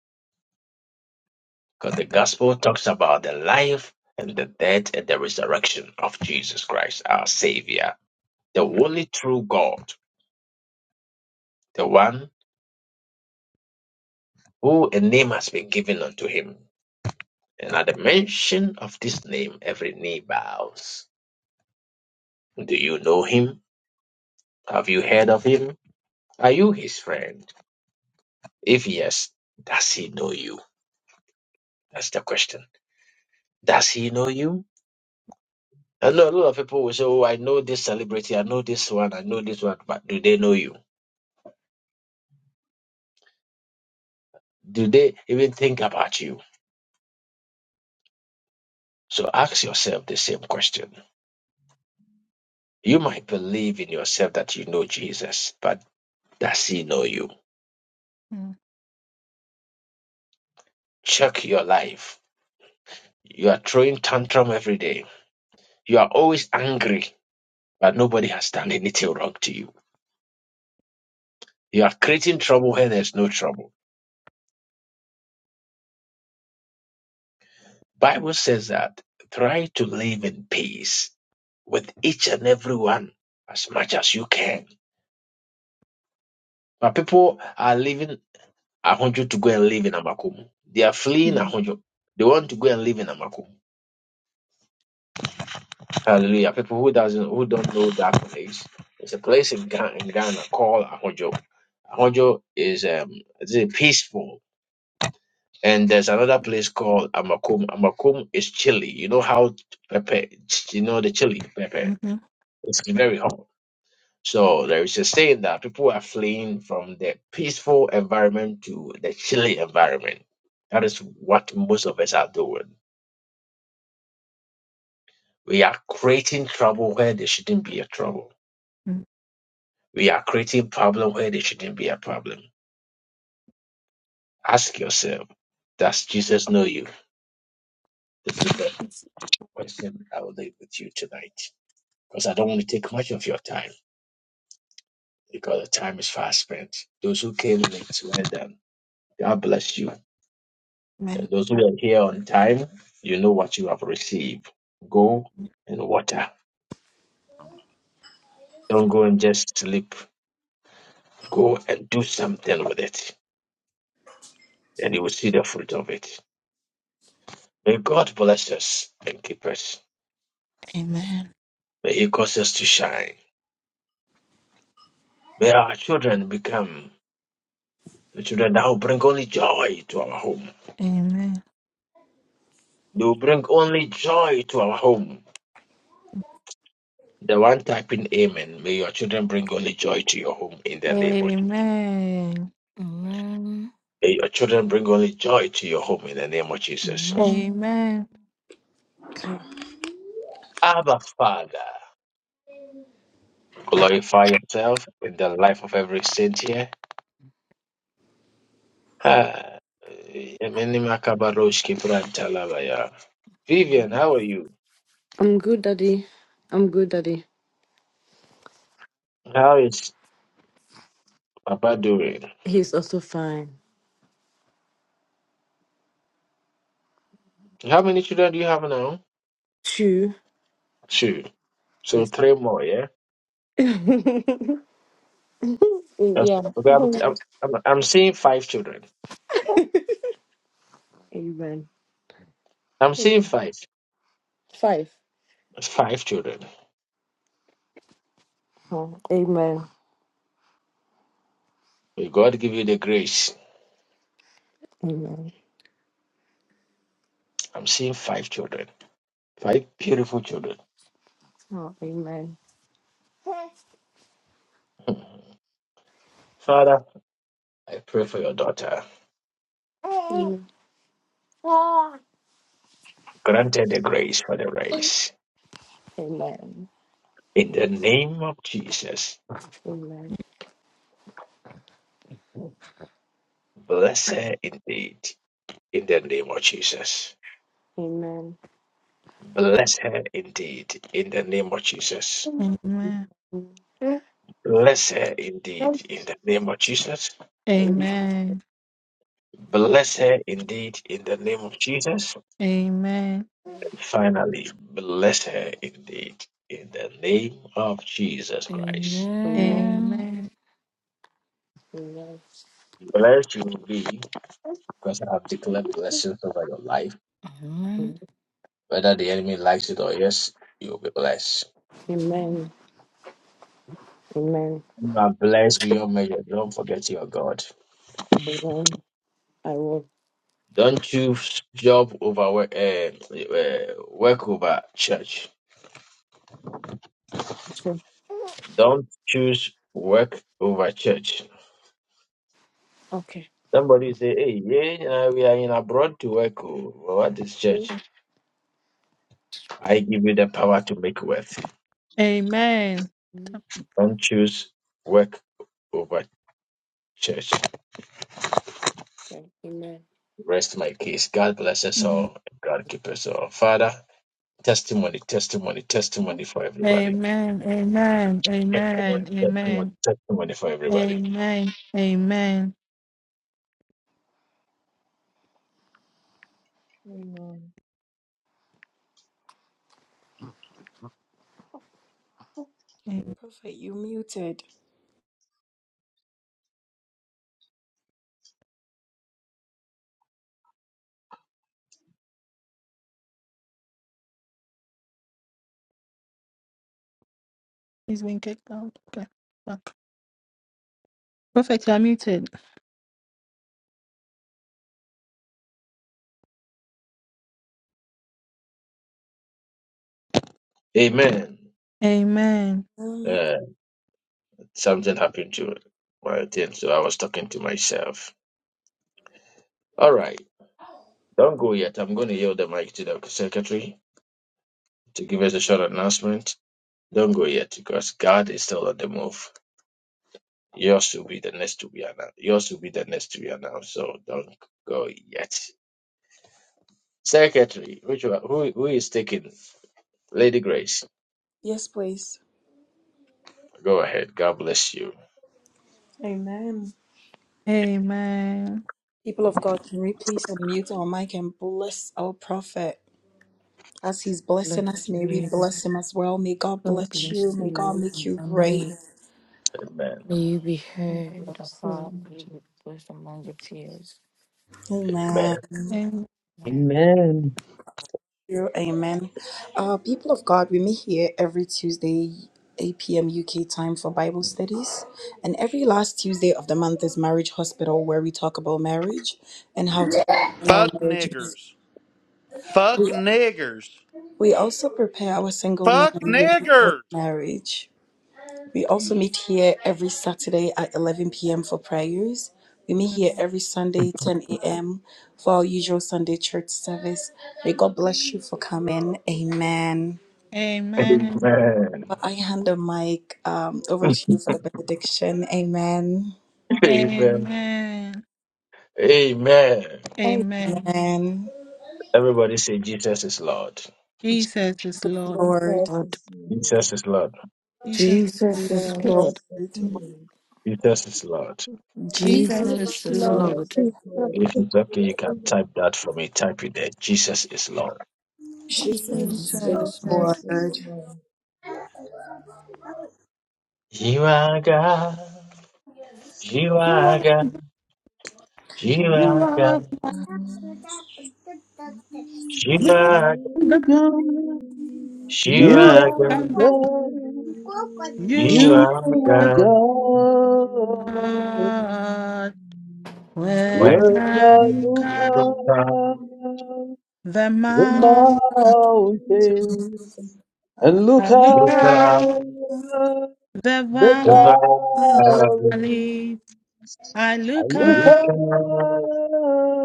S1: because the gospel talks about the life and the death and the resurrection of Jesus Christ, our Savior, the
S6: Mm,
S1: only true God, the one who a name has been given unto him. And at the mention of this name, every knee bows. Do you know him? Have you heard of him? Are you his friend? If yes, does he know you? That's the question. Does he know you? I know a lot of people will say, Oh, I know this celebrity, I know this one, I know this one, but do they know you? Do they even think about you? So ask yourself the same question. You might believe in yourself that you know Jesus, but does he know you?
S6: mm,
S1: Check your life. You are throwing tantrum every day. You are always angry, but nobody has done anything wrong to you. You are creating trouble where there's no trouble Bible says that try to live in peace with each and every one as much as you can. But people are leaving Ahonjo to go and live in Amakumu. They are fleeing
S6: mm,
S1: Ahonjo. They want to go and live in Amakumu. Hallelujah. People who doesn't who don't know that place. It's a place in Ghana, in Ghana called Ahonjo. Ahonjo is um is it peaceful. And there's another place called Amakum. Amakum is chilly. You know how pepper, you know the chili pepper.
S6: mhm,
S1: It's very hot. So there is a saying that people are fleeing from the peaceful environment to the chilly environment. That is what most of us are doing. We are creating trouble where there shouldn't be a trouble.
S6: mm.
S1: We are creating problem where there shouldn't be a problem. Ask yourself, does Jesus know you? This is the
S6: Jesus.
S1: question I will leave with you tonight. Because I don't want to take much of your time because the time is fast spent. Those who came late, well done. God bless you.
S6: Amen.
S1: And those who are here on time, you know what you have received. Go and water. Don't go and just sleep. Go and do something with it, and you will see the fruit of it. May God bless us and keep us.
S6: Amen.
S1: May He cause us to shine. May our children become the children that will bring only joy to our home.
S6: Amen.
S1: They will bring only joy to our home. The one typing Amen. May your children bring only joy to your home in the name of. Jesus.
S6: Amen.
S4: Amen.
S1: May your children bring only joy to your home in the name of Jesus.
S4: Amen.
S6: Amen.
S1: Abba, Father, glorify yourself in the life of every saint here. Ah, Yemeni Makabarosh Kiprantalabaya. Vivian,
S4: Amen.
S1: how are you?
S9: I'm good, Daddy. I'm good, Daddy.
S1: How is Papa doing?
S9: He's also fine.
S1: How many children do you have now?
S9: Two.
S1: Two. So
S9: Yes.
S1: three more, yeah? That's,
S9: yeah.
S1: okay, I'm, I'm, I'm I'm seeing five children.
S9: Amen.
S1: I'm seeing five.
S9: Five.
S1: Five children.
S9: Oh, amen.
S1: May God give you the grace.
S9: Amen.
S1: I'm seeing five children. Five beautiful children.
S9: Oh, amen.
S1: Father, I pray for your daughter.
S9: Amen.
S1: Grant her the grace for the race.
S9: Amen.
S1: In the name of Jesus,
S9: Amen.
S1: bless her indeed. In the name of Jesus,
S9: Amen.
S1: bless her indeed. In the name of Jesus,
S6: Amen.
S9: Amen.
S1: bless her indeed. In the name of Jesus,
S9: Amen.
S6: Amen.
S1: bless her indeed. In the name of Jesus,
S6: Amen.
S1: and finally, bless her indeed. In the name of Jesus Christ,
S9: Amen.
S6: Amen.
S1: blessed you will be because I have declared blessings over your life.
S4: Amen.
S1: Whether the enemy likes it or yes, you will be blessed.
S9: Amen. Amen.
S1: You are blessed beyond measure. Don't forget your God.
S4: Amen.
S9: Amen. I will.
S1: Don't you job over work, uh, uh, work over church.
S9: Okay.
S1: Don't choose work over church. Somebody say, "Hey, yeah, uh, we are in abroad to work. oh. Well, what is
S9: Okay.
S1: church? I give you the power to make wealth.
S6: Amen.
S1: Don't choose work over church.
S9: Amen.
S1: Rest my case. God bless us
S6: Mhm.
S1: all. God keep us all. Father, testimony, testimony, testimony for everybody.
S6: Amen. Amen.
S1: Testimony, testimony,
S6: Amen.
S1: testimony for everybody.
S6: Amen. Amen. Amen.
S7: Amen.
S6: Amen.
S3: Prophet, you muted.
S6: He's been kicked out. Okay. Fuck. Perfect. You're muted.
S1: Amen.
S6: Amen.
S3: Um,
S1: Uh, something happened to my team, so I was talking to myself. All right, don't go yet. I'm going to yield the mic to the secretary to give us a short announcement. Don't go yet because God is still on the move. Yours will be the next to be announced. Yours will be the next to be announced. So don't go yet. Secretary, which one, who who is taking Lady Grace?
S3: yes, please.
S1: Go ahead. God bless you.
S3: Amen.
S6: Amen.
S3: People of God, can we please unmute our mic and bless our prophet? As he's
S4: Bless
S3: blessing us, may we
S4: you.
S3: bless him as well. May God
S4: God
S3: bless you.
S4: bless
S3: May God
S4: you.
S3: make you
S4: And may,
S1: Amen.
S4: may you be heard of all. May you be blessed among your peers.
S1: Amen.
S3: Amen. Thank
S6: Amen.
S4: Amen.
S2: Amen.
S3: You- Amen. Uh, people of God, we meet here every Tuesday, 8 p.m. UK time for Bible studies. And every last Tuesday of the month is Marriage Hospital, where we talk about marriage and how to in our
S11: Fuck
S3: marriages.
S11: niggers. Fuck
S3: We,
S11: niggers.
S3: we also prepare our single men
S11: Fuck
S3: and women for
S11: niggers.
S3: marriage. We also meet here every Saturday at 11 p.m. for prayers. We meet here every Sunday, 10 a.m., for our usual Sunday church service. May God bless you for coming. Amen.
S6: Amen.
S1: Amen.
S3: I hand the mic um, over to you for the benediction. Amen.
S1: Amen.
S6: Amen.
S1: Amen.
S6: Amen.
S3: Amen.
S1: Everybody say Jesus is Lord.
S3: Jesus
S6: Jesus is Lord.
S3: Lord.
S4: Lord,
S1: Jesus is Lord.
S3: Jesus
S6: Jesus is
S4: Jesus is
S6: Lord.
S4: Lord.
S3: Lord.
S1: Jesus is Lord.
S5: Amen.
S6: Jesus
S10: Jesus is
S6: is
S4: Jesus is
S10: Lord.
S6: Lord.
S4: Lord.
S1: If it's okay, you can type that for me. Type it there. Jesus is Lord.
S3: Jesus
S10: Jesus is
S4: Jesus
S6: Jesus
S10: Lord.
S4: is
S6: is
S4: Lord.
S3: Lord.
S1: You are God. You are
S6: Lord.
S1: God. You are
S6: You
S1: God.
S6: are, you are
S10: Jesus is
S1: You are God.
S6: God.
S2: God,
S1: You
S6: You
S2: you
S6: are
S1: are God.
S2: are
S6: God.
S2: God.
S10: Lord.
S1: You
S6: You
S2: You
S6: are
S1: are
S6: God.
S1: God.
S2: are God. When
S6: When
S1: When
S6: I
S2: I
S6: look
S2: go
S6: at
S1: look up,
S2: climb
S6: the
S2: the
S6: mountain,
S2: mountains and look
S6: I look
S1: look up,
S6: at
S2: up
S6: the
S2: the
S1: above,
S2: valley,
S6: valley, I
S2: I
S6: look
S2: look
S1: look
S6: at
S2: up
S1: up,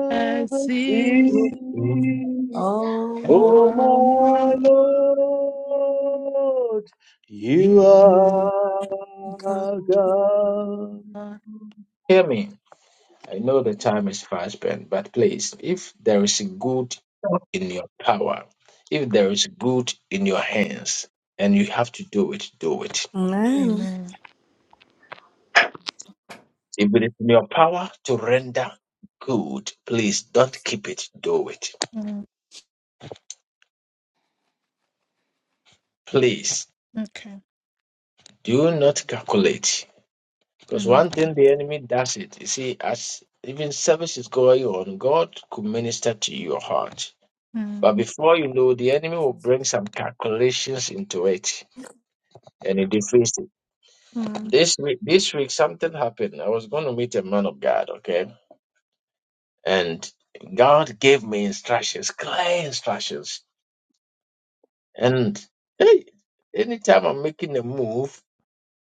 S6: the
S2: the
S6: sea.
S1: look up.
S2: sea.
S3: Oh
S2: Oh
S6: Oh,
S2: my
S6: my,
S2: Lord, you
S6: you
S3: my God.
S2: are God.
S6: are.
S1: Hear me. I know the time is fast spent, but please, if there is good in your power, if there is good in your hands, and you have to do it, do it.
S3: Amen.
S6: Amen.
S1: If it is in your power to render good, please don't keep it, do it.
S6: Mm,
S1: Please
S6: Okay.
S1: do not calculate. Because
S6: Mm,
S1: one thing the enemy does it, you see, as even service is going on, God could minister to your heart.
S6: mm, mm.
S1: But before you know, the enemy will bring some calculations into it and it defeats it
S6: mm,
S1: This week, this week, something happened. I was going to meet a man of God, okay? And God gave me instructions, clear instructions. And hey, anytime I'm making a move,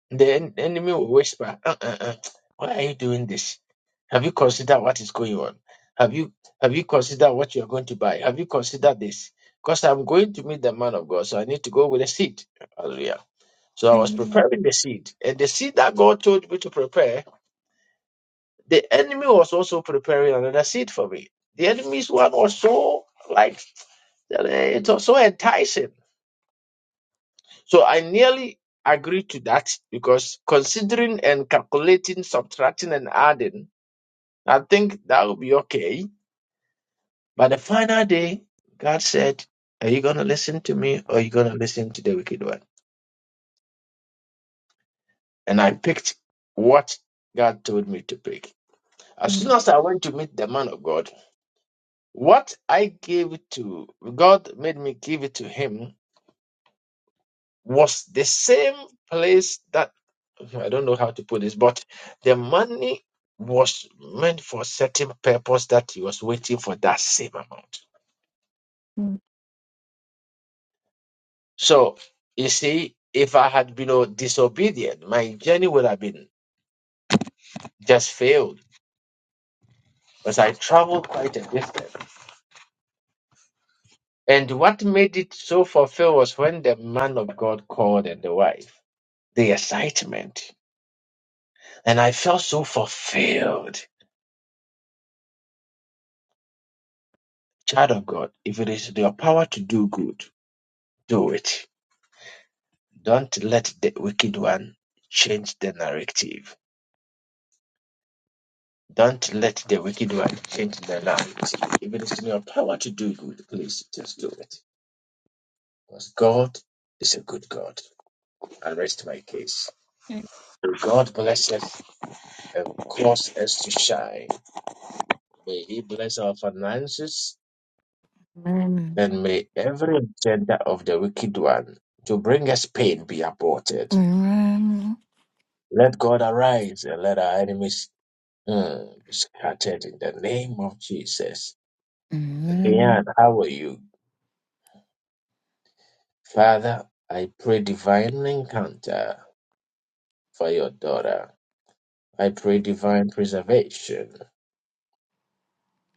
S1: the en- enemy will whisper, uh, uh, uh, "Why are you doing this? Have you considered what is going on? Have you have you considered what you are going to buy? Have you considered this? Because I'm going to meet the man of God, so I need to go with a seed. Hallelujah. So I was
S6: Amen.
S1: preparing the seed, and the seed that God told me to prepare The enemy was also preparing another seed for me. The enemy's one was so like it was so enticing. So I nearly agreed to that because considering and calculating, subtracting and adding, I think that would be okay. But the final day, God said, Are you gonna listen to me or are you gonna listen to the wicked one? And I picked what God told me to pick. As
S6: Mm.
S1: soon as I went to meet the man of God, What I gave to God made me give it to Him was the same place that I don't know how to put this, but the money was meant for a certain purpose that He was waiting for that same amount.
S6: Mm.
S1: So you see, if I had been uh, disobedient, my journey would have been just failed because I traveled quite a distance. And what made it so fulfilled was when the man of God called and the wife, the excitement. And I felt so fulfilled. Child of God, if it is in your power to do good, do it. Don't let the wicked one change the narrative. Don't let the wicked one change the narrative. If it is in your power to do good, please just do it. Because God is a good God. I rest my case. God bless us and cause us to shine. May He bless our finances.
S4: Amen.
S1: And may every agenda of the wicked one to bring us pain be aborted.
S4: Amen.
S1: Let God arise and let our enemies mm, be scattered in the name of Jesus. Diane,
S4: Amen.
S1: how are you? Father, I pray divine encounter for your daughter. I pray divine preservation.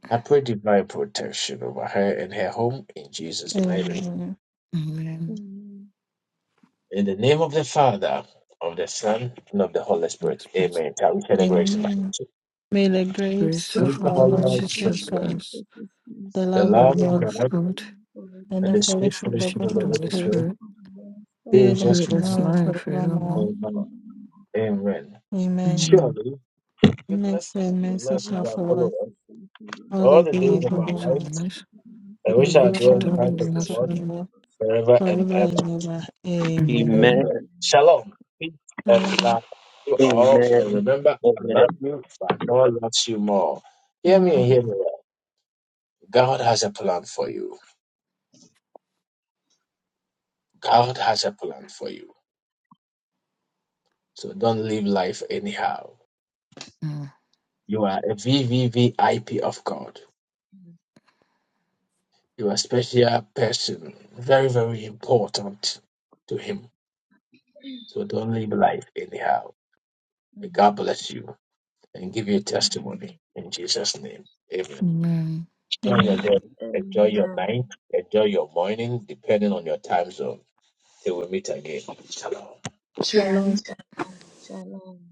S1: I pray divine protection over her and her home in Jesus' mighty name.
S6: Amen.
S4: Amen.
S1: In the name of the Father, of the Son, and of the Holy Spirit.
S4: Express
S1: Amen.
S4: the
S1: Shall we share the grace now?
S6: Amen. May the grace
S4: grace
S6: of
S4: of
S1: Praise the
S4: our
S6: our
S1: Holy
S4: Lord
S6: Lord
S1: One of God,
S6: Jesus
S4: Jesus
S6: Christ,
S4: Christ,
S6: the
S1: the
S6: love
S4: the
S1: love
S6: of
S1: of
S6: God,
S4: love of
S1: God,
S4: God,
S6: and
S1: and
S6: the
S1: the
S4: the
S1: sweet
S6: fellowship
S1: fellowship
S6: of the
S4: fellowship
S1: of
S4: of
S1: the
S4: the
S6: Holy
S4: Holy
S1: Holy
S6: Spirit
S1: Spirit
S4: Spirit,
S1: be
S6: be with
S1: with
S4: be
S1: us
S6: us
S4: with
S1: now
S4: us
S6: now
S4: now
S6: and
S4: and forevermore.
S6: forevermore.
S1: and forever. Amen.
S6: Amen.
S4: Amen.
S1: Surely, goodness
S6: Next and
S1: and
S6: mercy
S1: mercy
S6: shall
S1: shall follow
S6: follow us
S1: us
S6: all the
S1: all the days
S6: days
S4: Lord,
S1: of
S6: of
S1: our
S4: we use
S6: our
S4: our
S6: life.
S1: lives,
S4: life.
S6: We
S1: and we
S4: We
S6: will be
S1: shall
S4: wish
S6: all
S4: to
S1: dwell in
S4: do
S6: in
S1: the
S6: the
S1: house
S4: what you
S1: of the
S4: have
S6: presence of
S4: to
S1: Lord
S6: the
S4: do.
S6: Lord
S1: forever and
S6: forever
S1: ever.
S6: and ever. Amen.
S1: Amen.
S4: Amen.
S2: Amen.
S1: Shalom, peace, and
S6: Shalom.
S1: love to all. And
S2: Amen.
S1: remember, I
S2: Amen.
S1: love you, but God loves you more. Hear me and
S6: Amen.
S1: hear me well. God has a plan for you. God has a plan for you. So don't live life anyhow.
S4: Yeah.
S1: You are a v v v i p of God. You are a special person, very, very important to Him. So don't live life anyhow. May God bless you and give you testimony in Jesus' name. Amen.
S4: Amen.
S1: Enjoy your
S6: Amen.
S1: day. Enjoy your
S7: Amen.
S1: night. Enjoy your morning, depending on your time zone. Till we meet again. Shalom.
S3: Shalom.
S6: Shalom.
S7: Shalom.